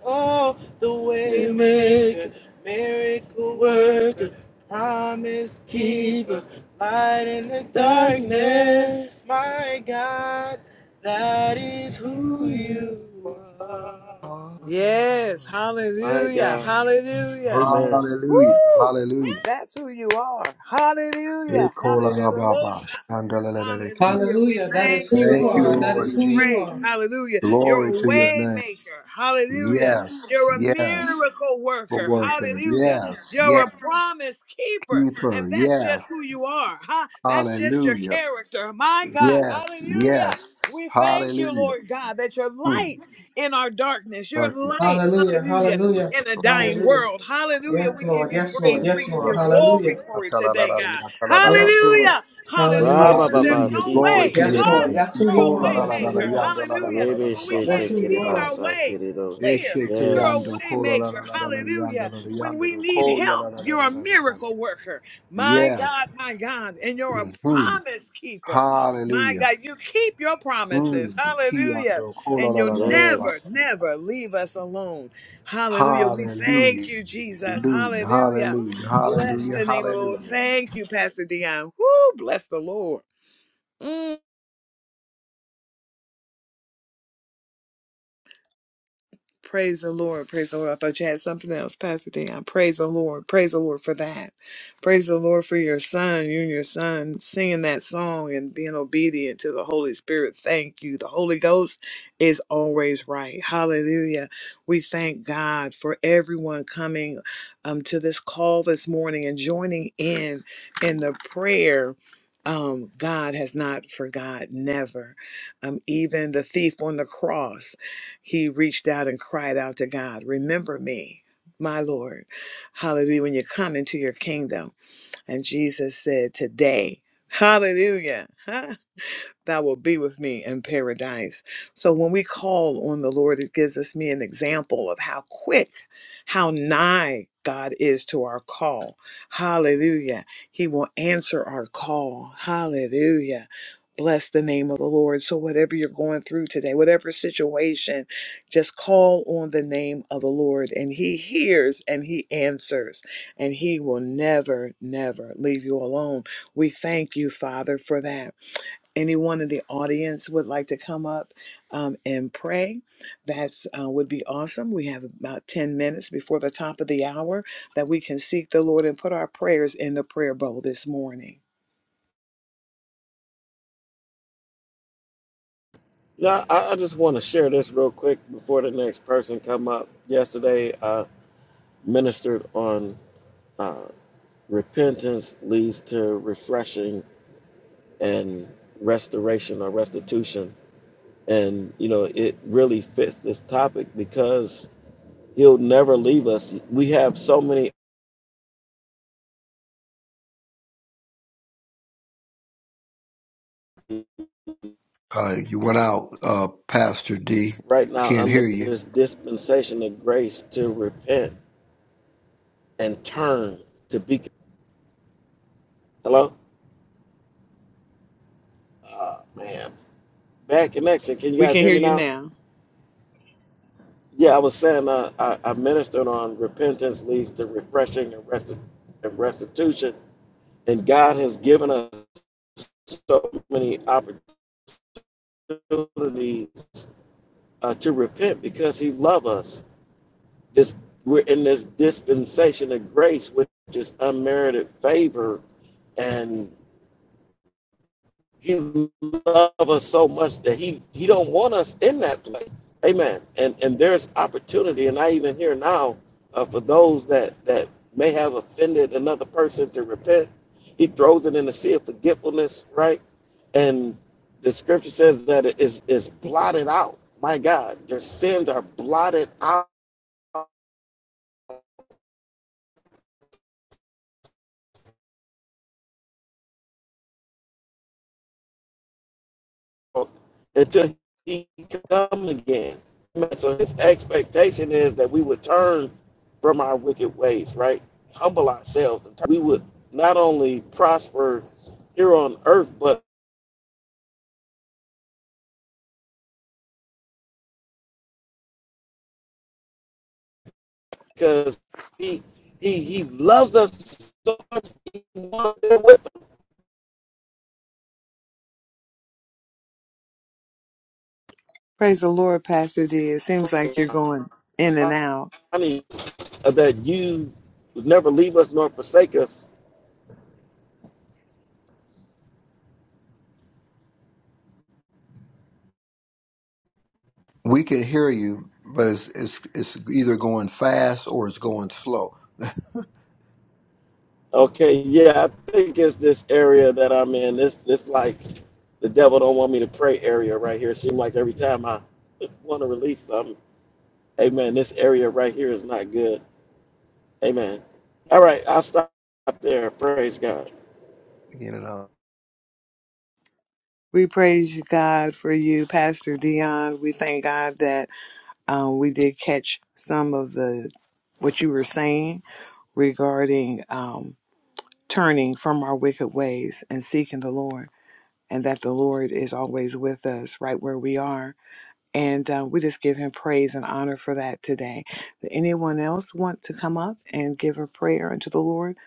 S3: Oh, the way maker, miracle worker, promise keeper, light in the darkness. My God, that is who you are.
S1: Yes,
S4: Hallelujah.
S3: My
S1: hallelujah,
S3: God.
S1: hallelujah.
S3: Amen.
S4: Hallelujah.
S1: Woo!
S4: Hallelujah.
S1: That's who you are. Hallelujah.
S4: Ekolababa,
S1: Hallelujah.
S4: shandaleleleki.
S1: Hallelujah. We
S7: Hallelujah. That is
S1: thank
S7: who
S1: you,
S7: you
S4: Thank
S1: Lord.
S4: you,
S1: We
S7: are. That
S4: Lord
S1: give
S7: is
S1: you
S7: who
S4: Jesus.
S7: you
S1: praise.
S7: are.
S1: Hallelujah. You're
S4: Glory
S1: a
S4: to your
S1: way
S4: name.
S1: maker. Hallelujah.
S4: Yes,
S1: You're a
S4: yes,
S1: miracle
S4: for
S1: worker.
S4: worker.
S1: Hallelujah.
S4: Yes,
S1: You're
S4: yes,
S1: a promise keeper. And
S4: keeper.
S1: that's
S4: Yes,
S1: just who you are. Huh? That's just your
S4: hallelujah.
S1: character. My God.
S4: Yes,
S1: Hallelujah.
S4: yes,
S1: We thank you,
S4: hallelujah.
S1: Lord God, that you're
S4: Mm.
S1: light in our darkness. You're
S4: Darkness.
S1: light.
S7: Hallelujah.
S1: Hallelujah
S7: Hallelujah.
S1: in a dying
S7: Hallelujah.
S1: world. Hallelujah.
S7: Yes,
S1: We give
S7: Lord.
S1: you
S7: Yes, Lord.
S1: praise. We
S7: Yes,
S1: give
S7: Lord.
S1: you
S7: Hallelujah.
S1: glory for it today, God.
S7: Yes, Lord.
S1: Hallelujah. Hallelujah.
S7: Hallelujah.
S1: When there's
S3: Rababa
S4: Hallelujah.
S1: no
S3: si
S4: Glory
S3: te
S4: to
S1: way,
S7: Yes,
S4: your
S3: kere
S1: huh?
S7: Lord.
S4: name.
S7: That's who
S1: You're
S7: you
S1: a
S7: are.
S1: way
S7: That's who you
S1: maker.
S7: are.
S1: Hallelujah.
S3: rebe
S1: When we
S3: she
S7: That's
S3: te
S1: can't
S7: who you
S3: kere
S1: see
S7: are.
S1: our
S3: basa
S1: way
S3: kere do.
S1: clear,
S4: Eshe ke
S1: you're a
S4: yando
S3: Yes.
S4: ko
S1: way
S4: la la la
S1: maker.
S4: la la la yando
S1: Hallelujah.
S4: la la
S1: When
S4: yando
S1: we
S4: la
S1: need
S4: ko ya la
S1: help,
S4: la la
S1: you're
S4: la
S1: a
S4: la la yando.
S1: miracle worker. My
S4: Yes.
S1: God, my God. And you're a
S4: Mhm.
S1: promise keeper. My
S4: Hallelujah.
S1: God, you keep your promises.
S4: Mm. Ki
S1: Hallelujah.
S4: yando ko la
S1: And
S4: la la
S1: you'll
S4: la la la.
S1: never,
S3: Yes.
S1: never leave us alone. Hallelujah. We thank
S4: Hallelujah.
S1: you, Jesus.
S4: Hallelujah.
S1: Hallelujah.
S4: Hallelujah.
S1: Bless
S4: Hallelujah.
S1: the name of the Lord.
S4: Hallelujah.
S1: Thank you, Pastor Dion. Whoo, bless the Lord. Mm. Praise the Lord. Praise the Lord. I thought you had something else, Pastor D. I praise the Lord. Praise the Lord for that. Praise the Lord for your son, you and your son singing that song and being obedient to the Holy Spirit. Thank you. The Holy Ghost is always right. Hallelujah. We thank God for everyone coming um, to this call this morning and joining in in the prayer. Um, God has not forgot, never. Um, even the thief on the cross he reached out and cried out to God, Remember me, my Lord. Hallelujah. When you come into your kingdom. And Jesus said, Today, hallelujah, huh, thou wilt be with me in paradise. So when we call on the Lord, it gives us me an example of how quick how nigh God is to our call. Hallelujah. He will answer our call. Hallelujah. Bless the name of the Lord. So, whatever you're going through today, whatever situation, just call on the name of the Lord, and He hears and He answers, and He will never, never leave you alone. We thank you, Father, for that anyone in the audience would like to come up um, and pray, that's uh, would be awesome. We have about 10 minutes before the top of the hour that we can seek the Lord and put our prayers in the prayer bowl this morning.
S3: Now I, just want to share this real quick before the next person come up. Yesterday uh. ministered on uh, repentance leads to refreshing and restoration or restitution. And, you know, it really fits this topic because he'll never leave us. We have so many
S4: Uh, you went out, uh, Pastor D.
S3: right
S4: We
S3: now
S4: can't
S3: under
S4: hear you.
S3: this dispensation of grace to repent and turn to be. Hello? Oh, man. Bad connection. Can you
S1: We
S3: guys
S1: can
S3: hear
S1: hear
S3: me
S1: you
S3: now?
S1: now.
S3: Yeah, I was saying uh, I, I ministered on repentance leads to refreshing and, resti- and restitution And God has given us so many opportunities uh, to repent because He loves us. This we're in this dispensation of grace, which is unmerited favor, and He loves us so much that he he don't want us in that place. Amen. And and there's opportunity, and I even hear now uh, for those that that may have offended another person to repent. He throws it in the sea of forgetfulness, right? And the scripture says that it is is blotted out. My God, your sins are blotted out until he comes again. So his expectation is that we would turn from our wicked ways, right? Humble ourselves. And We would not only prosper here on earth, but because he he he loves us so much, he wants to be with
S1: Praise the Lord, Pastor D. It seems like you're going in and
S3: us.
S1: out.
S3: I mean, that you would never leave us nor forsake us
S4: We can hear you, but it's it's it's either going fast or it's going slow.
S3: Okay, yeah, I think it's this area that I'm in. This this like the devil don't want me to pray area right here. It seems like every time I want to release something, hey man, this area right here is not good. Amen. All right, I'll stop there. Praise God.
S4: You know.
S1: We praise you, God, for you, Pastor Dion. We thank God that um, we did catch some of the what you were saying regarding. Um, turning from our wicked ways and seeking the Lord, and that the Lord is always with us right where we are. And uh, we just give him praise and honor for that today. Does anyone else want to come up and give a prayer unto the Lord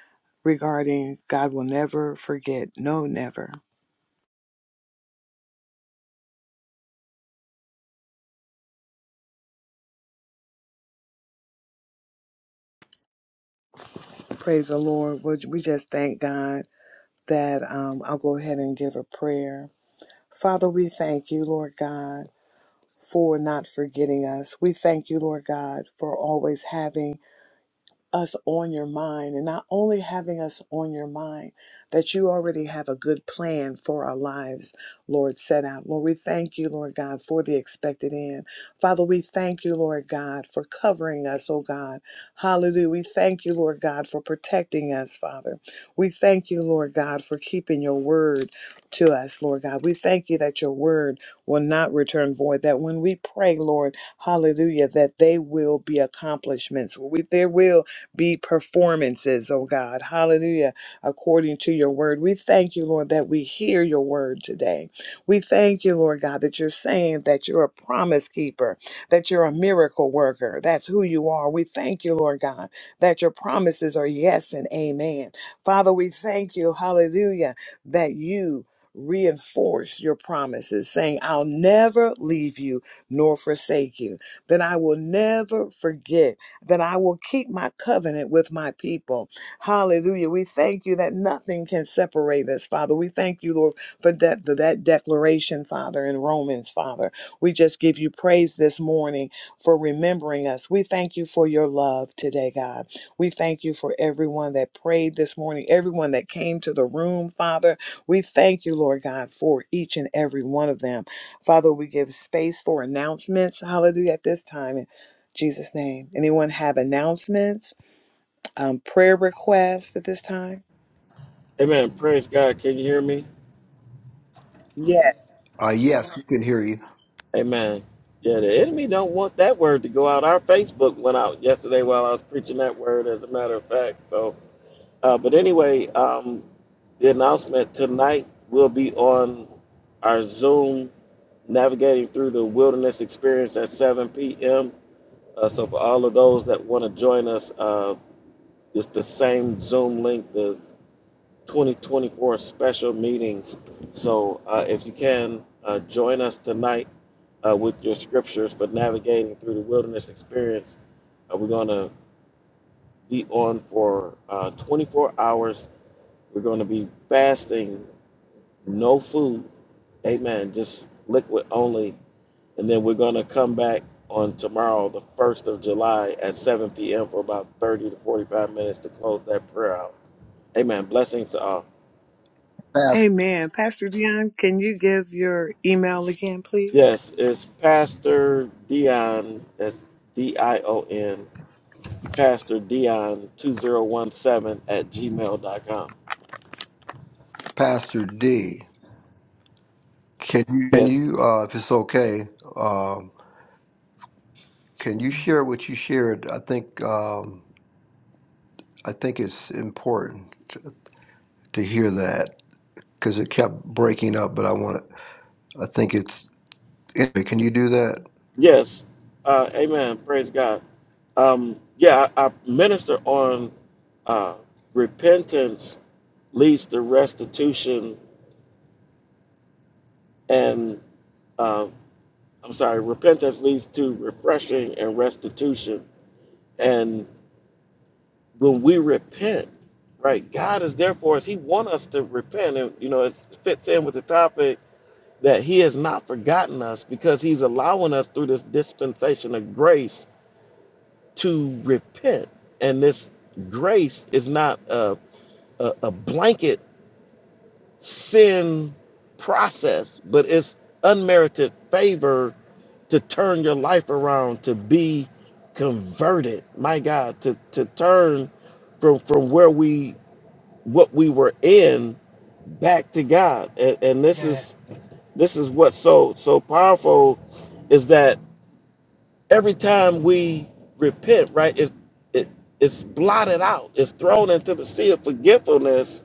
S1: regarding God will never forget? No, never. Praise the Lord. Would- We just thank God that um, I'll go ahead and give a prayer. Father, we thank you, Lord God, for not forgetting us. We thank you, Lord God, for always having us on your mind and not only having us on your mind, that you already have a good plan for our lives, Lord, set out. Lord, we thank you, Lord God, for the expected end. Father, we thank you, Lord God, for covering us, oh God. Hallelujah. We thank you, Lord God, for protecting us, Father. We thank you, Lord God, for keeping your word to us, Lord God. We thank you that your word will not return void, that when we pray, Lord, hallelujah, that they will be accomplishments. We, there will be performances, oh God. Hallelujah. According to your word. We thank you, Lord, that we hear your word today. We thank you, Lord God, that you're saying that you're a promise keeper, that you're a miracle worker. That's who you are. We thank you, Lord God, that your promises are yes and amen. Father, we thank you, hallelujah, that you reinforce your promises, saying, I'll never leave you nor forsake you, that I will never forget that I will keep my covenant with my people. Hallelujah. We thank you that nothing can separate us, Father. We thank you, Lord, for that, that declaration, Father, in Romans, Father. We just give you praise this morning for remembering us. We thank you for your love today, God. We thank you for everyone that prayed this morning, everyone that came to the room, Father. We thank you, Lord God, for each and every one of them. Father, we give space for announcements. Hallelujah at this time. Jesus' name. Anyone have announcements, um, prayer requests at this time?
S3: Amen. Praise God. Can you hear me?
S1: Yes.
S4: Uh, yes, we can hear you,
S3: Amen. Yeah, the enemy don't want that word to go out. Our Facebook went out yesterday while I was preaching that word, as a matter of fact. So, uh, but anyway, um, The announcement tonight will be on our Zoom navigating through the wilderness experience at 7 p.m. Uh, so for all of those that want to join us, uh, it's the same Zoom link, the 2024 special meetings. So uh, if you can uh, join us tonight uh, with your scriptures for navigating through the wilderness experience, uh, we're going to be on for uh, 24 hours. We're going to be fasting, no food, Amen. Just liquid only. And then we're going to come back on tomorrow, the 1st of July at 7 p.m. for about 30 to 45 minutes to close that prayer out. Amen. Blessings to all.
S4: Pas-
S1: Amen. Pastor Dion, can you give your email again, please?
S3: Yes, it's Pastor Dion. That's D I O N. Pastor Dion 2017 at gmail dot com.
S4: Pastor D. Can you, can
S3: Yes.
S4: you uh, if it's okay, um, can you share what you shared? I think um, I think it's important to, to hear that because it kept breaking up. But I want to. I think it's. Anyway, can you do that?
S3: Yes. Uh, amen. Praise God. Um, yeah, I, I minister on uh, repentance leads to restitution and uh, I'm sorry, repentance leads to refreshing and restitution. And when we repent, right, God is there for us. He wants us to repent, and you know, it fits in with the topic that He has not forgotten us because He's allowing us through this dispensation of grace to repent. And this grace is not a a, a blanket sin process, but it's unmerited favor to turn your life around, to be converted, my God, to, to turn from from where we what we were in back to God. And, and this Yes. is this is what's so so powerful is that every time we repent, right, it, it it's blotted out, it's thrown into the sea of forgetfulness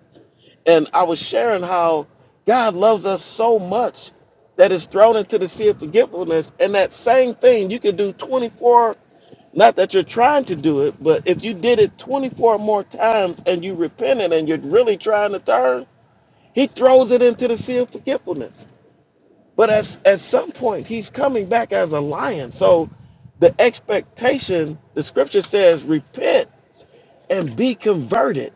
S3: and I was sharing how God loves us so much that is thrown into the sea of forgetfulness. And that same thing you could do 24, not that you're trying to do it, but if you did it 24 more times and you repented and you're really trying to turn, he throws it into the sea of forgetfulness. But as, at some point, he's coming back as a lion. So the expectation, the scripture says, repent and be converted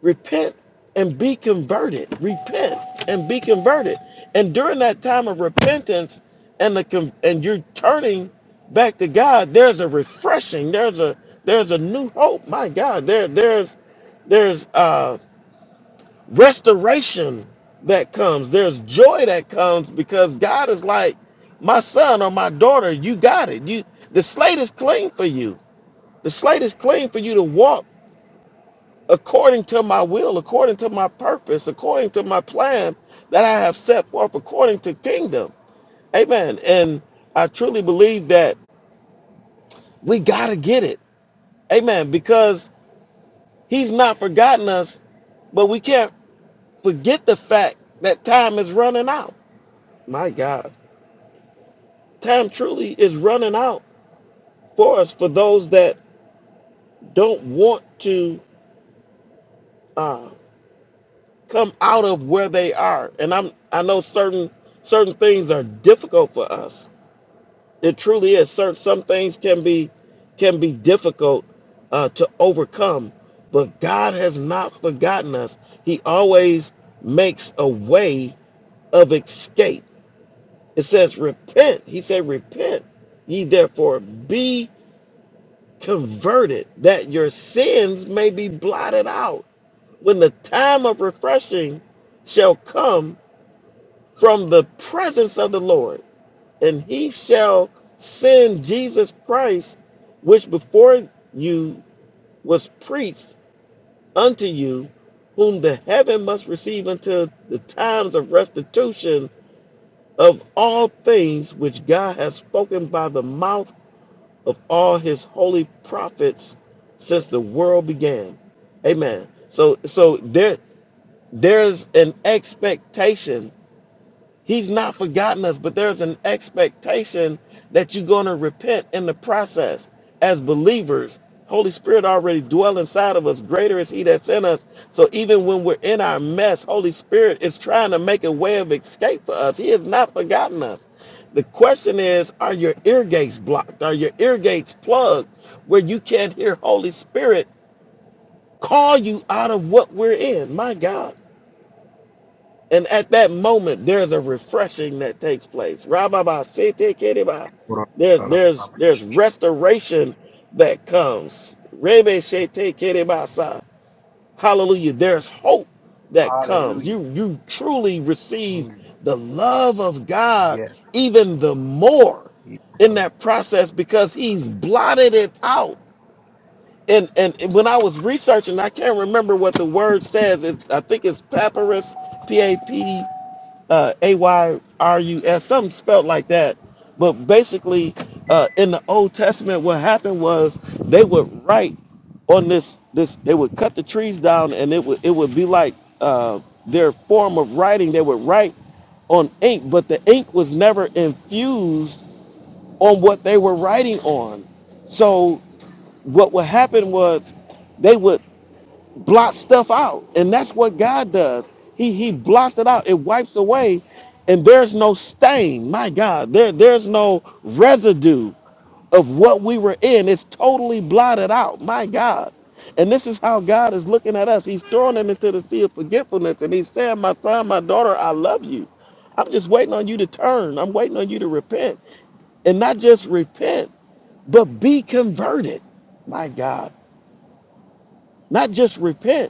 S3: Repent and be converted. Repent and be converted. And during that time of repentance and the and you're turning back to God, there's a refreshing. There's a there's a new hope. My God, there there's there's uh restoration that comes. There's joy that comes because God is like my son or my daughter, you got it. You the slate is clean for you. The slate is clean for you to walk according to my will, according to my purpose, according to my plan that I have set forth, according to kingdom. Amen. And I truly believe that we got to get it. Amen. Because he's not forgotten us, but we can't forget the fact that time is running out. My God. Time truly is running out for us, for those that don't want to uh, come out of where they are. And I'm I know certain certain things are difficult for us It truly is. Certain some things can be can be difficult uh, to overcome, but God has not forgotten us. He always makes a way of escape. It says, "Repent." He said, "Repent, ye therefore be converted, that your sins may be blotted out, when the time of refreshing shall come from the presence of the Lord." and he shall send Jesus Christ, which before you was preached unto you, whom the heaven must receive until the times of restitution of all things which God has spoken by the mouth of all his holy prophets since the world began. Amen. So so there there's an expectation He's not forgotten us, but there's an expectation that you're going to repent in the process. As believers, Holy Spirit already dwell inside of us. Greater is He that's in us. So even when we're in our mess, Holy Spirit is trying to make a way of escape for us. He has not forgotten us. The question is, are your ear gates blocked? Are your ear gates plugged where you can't hear Holy Spirit call you out of what we're in? My God. And at that moment, there's a refreshing that takes place. Rababa sete kereba. There's there's there's restoration that comes. Rebe shete kereba sa. Hallelujah. There's hope that comes.
S4: Hallelujah.
S3: You you truly receive
S4: Mm,
S3: the love of God
S4: Yes.
S3: even the more in that process because he's blotted it out. And and when I was researching, I can't remember what the word says. It, I think it's papyrus, P-A-P uh, A Y R U S, something spelled like that. But basically, uh, in the Old Testament, what happened was they would write on this this they would cut the trees down, and it would it would be like uh, their form of writing. They would write on ink, but the ink was never infused on what they were writing on. So what would happen was blot stuff out. And that's what God does. He he blots it out. It wipes away and there's no stain. My God, there there's no residue of what we were in. It's totally blotted out. My God. And this is how God is looking at us. He's throwing them into the sea of forgetfulness and he's saying, "My son, my daughter, I love you. I'm just waiting on you to turn. I'm waiting on you to repent." And not just repent, but be converted. My God. Not just repent,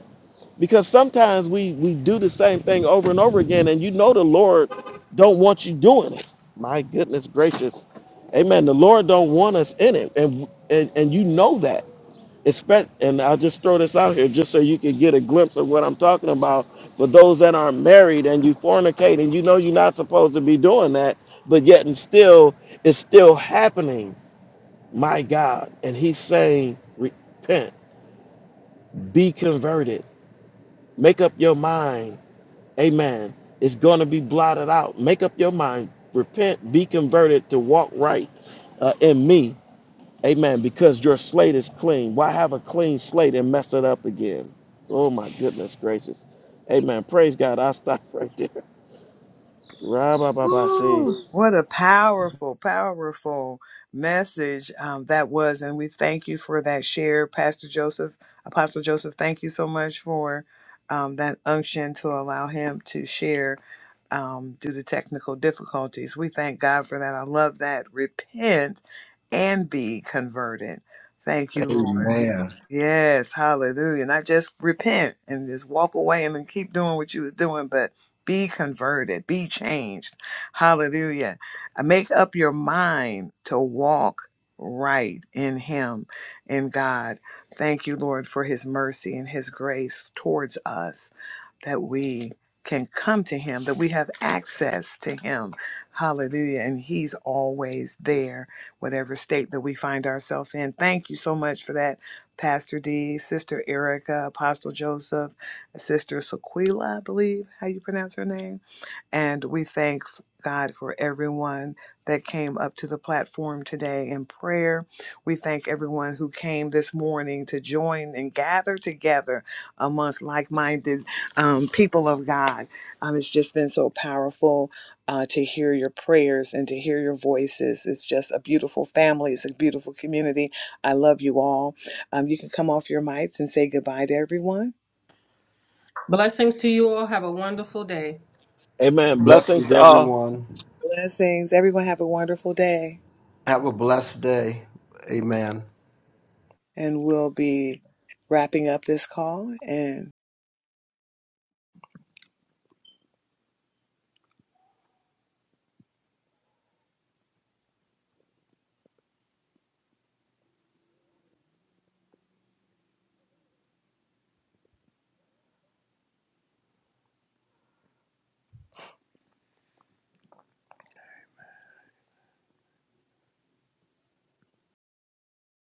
S3: because sometimes we we do the same thing over and over again, and you know the Lord don't want you doing it. My goodness gracious, Amen. The Lord don't want us in it, and and, and you know that. Expect, and I'll just throw this out here just so you can get a glimpse of what I'm talking about. For those that aren't married and you fornicate and you know you're not supposed to be doing that, but yet and still it's still happening. My God, and He's saying, repent, be converted, make up your mind Amen. It's going to be blotted out. Make up your mind. Repent, be converted to walk right uh, in me. Amen. Because your slate is clean. Why have a clean slate and mess it up again? Oh, my goodness gracious. Amen. Praise God. I'll stop right there. Ra-ba-ba-ba-see.
S1: What a powerful, powerful message um, that was. And we thank you for that share, Pastor Joseph. Apostle Joseph, thank you so much for um, that unction to allow him to share um, due to technical difficulties. We thank God for that. I love that. Repent and be converted. Thank you, Lord.
S4: Amen.
S1: Yes, hallelujah. Not just repent and just walk away and then keep doing what you was doing, but be converted, be changed. Hallelujah. And Make up your mind to walk right in him, in God. Thank you, Lord, for his mercy and his grace towards us that we can come to him, that we have access to him. Hallelujah. And he's always there, whatever state that we find ourselves in. Thank you so much for that Pastor D, Sister Erica, Apostle Joseph, Sister Sequila, I believe how you pronounce her name and we thank God for everyone that came up to the platform today in prayer. We thank everyone who came this morning to join and gather together amongst like minded um, people of God. Um, it's just been so powerful uh, to hear your prayers and to hear your voices. It's just a beautiful family, it's a beautiful community. I love you all. Um, you can come off your mics and say goodbye to everyone.
S7: Blessings to you all. Have a wonderful day.
S3: Amen. Blessings
S4: Blessings,
S3: to all.
S4: everyone.
S1: Blessings. Everyone have a wonderful day.
S4: Have a blessed day. Amen.
S1: and we'll be wrapping up this call. And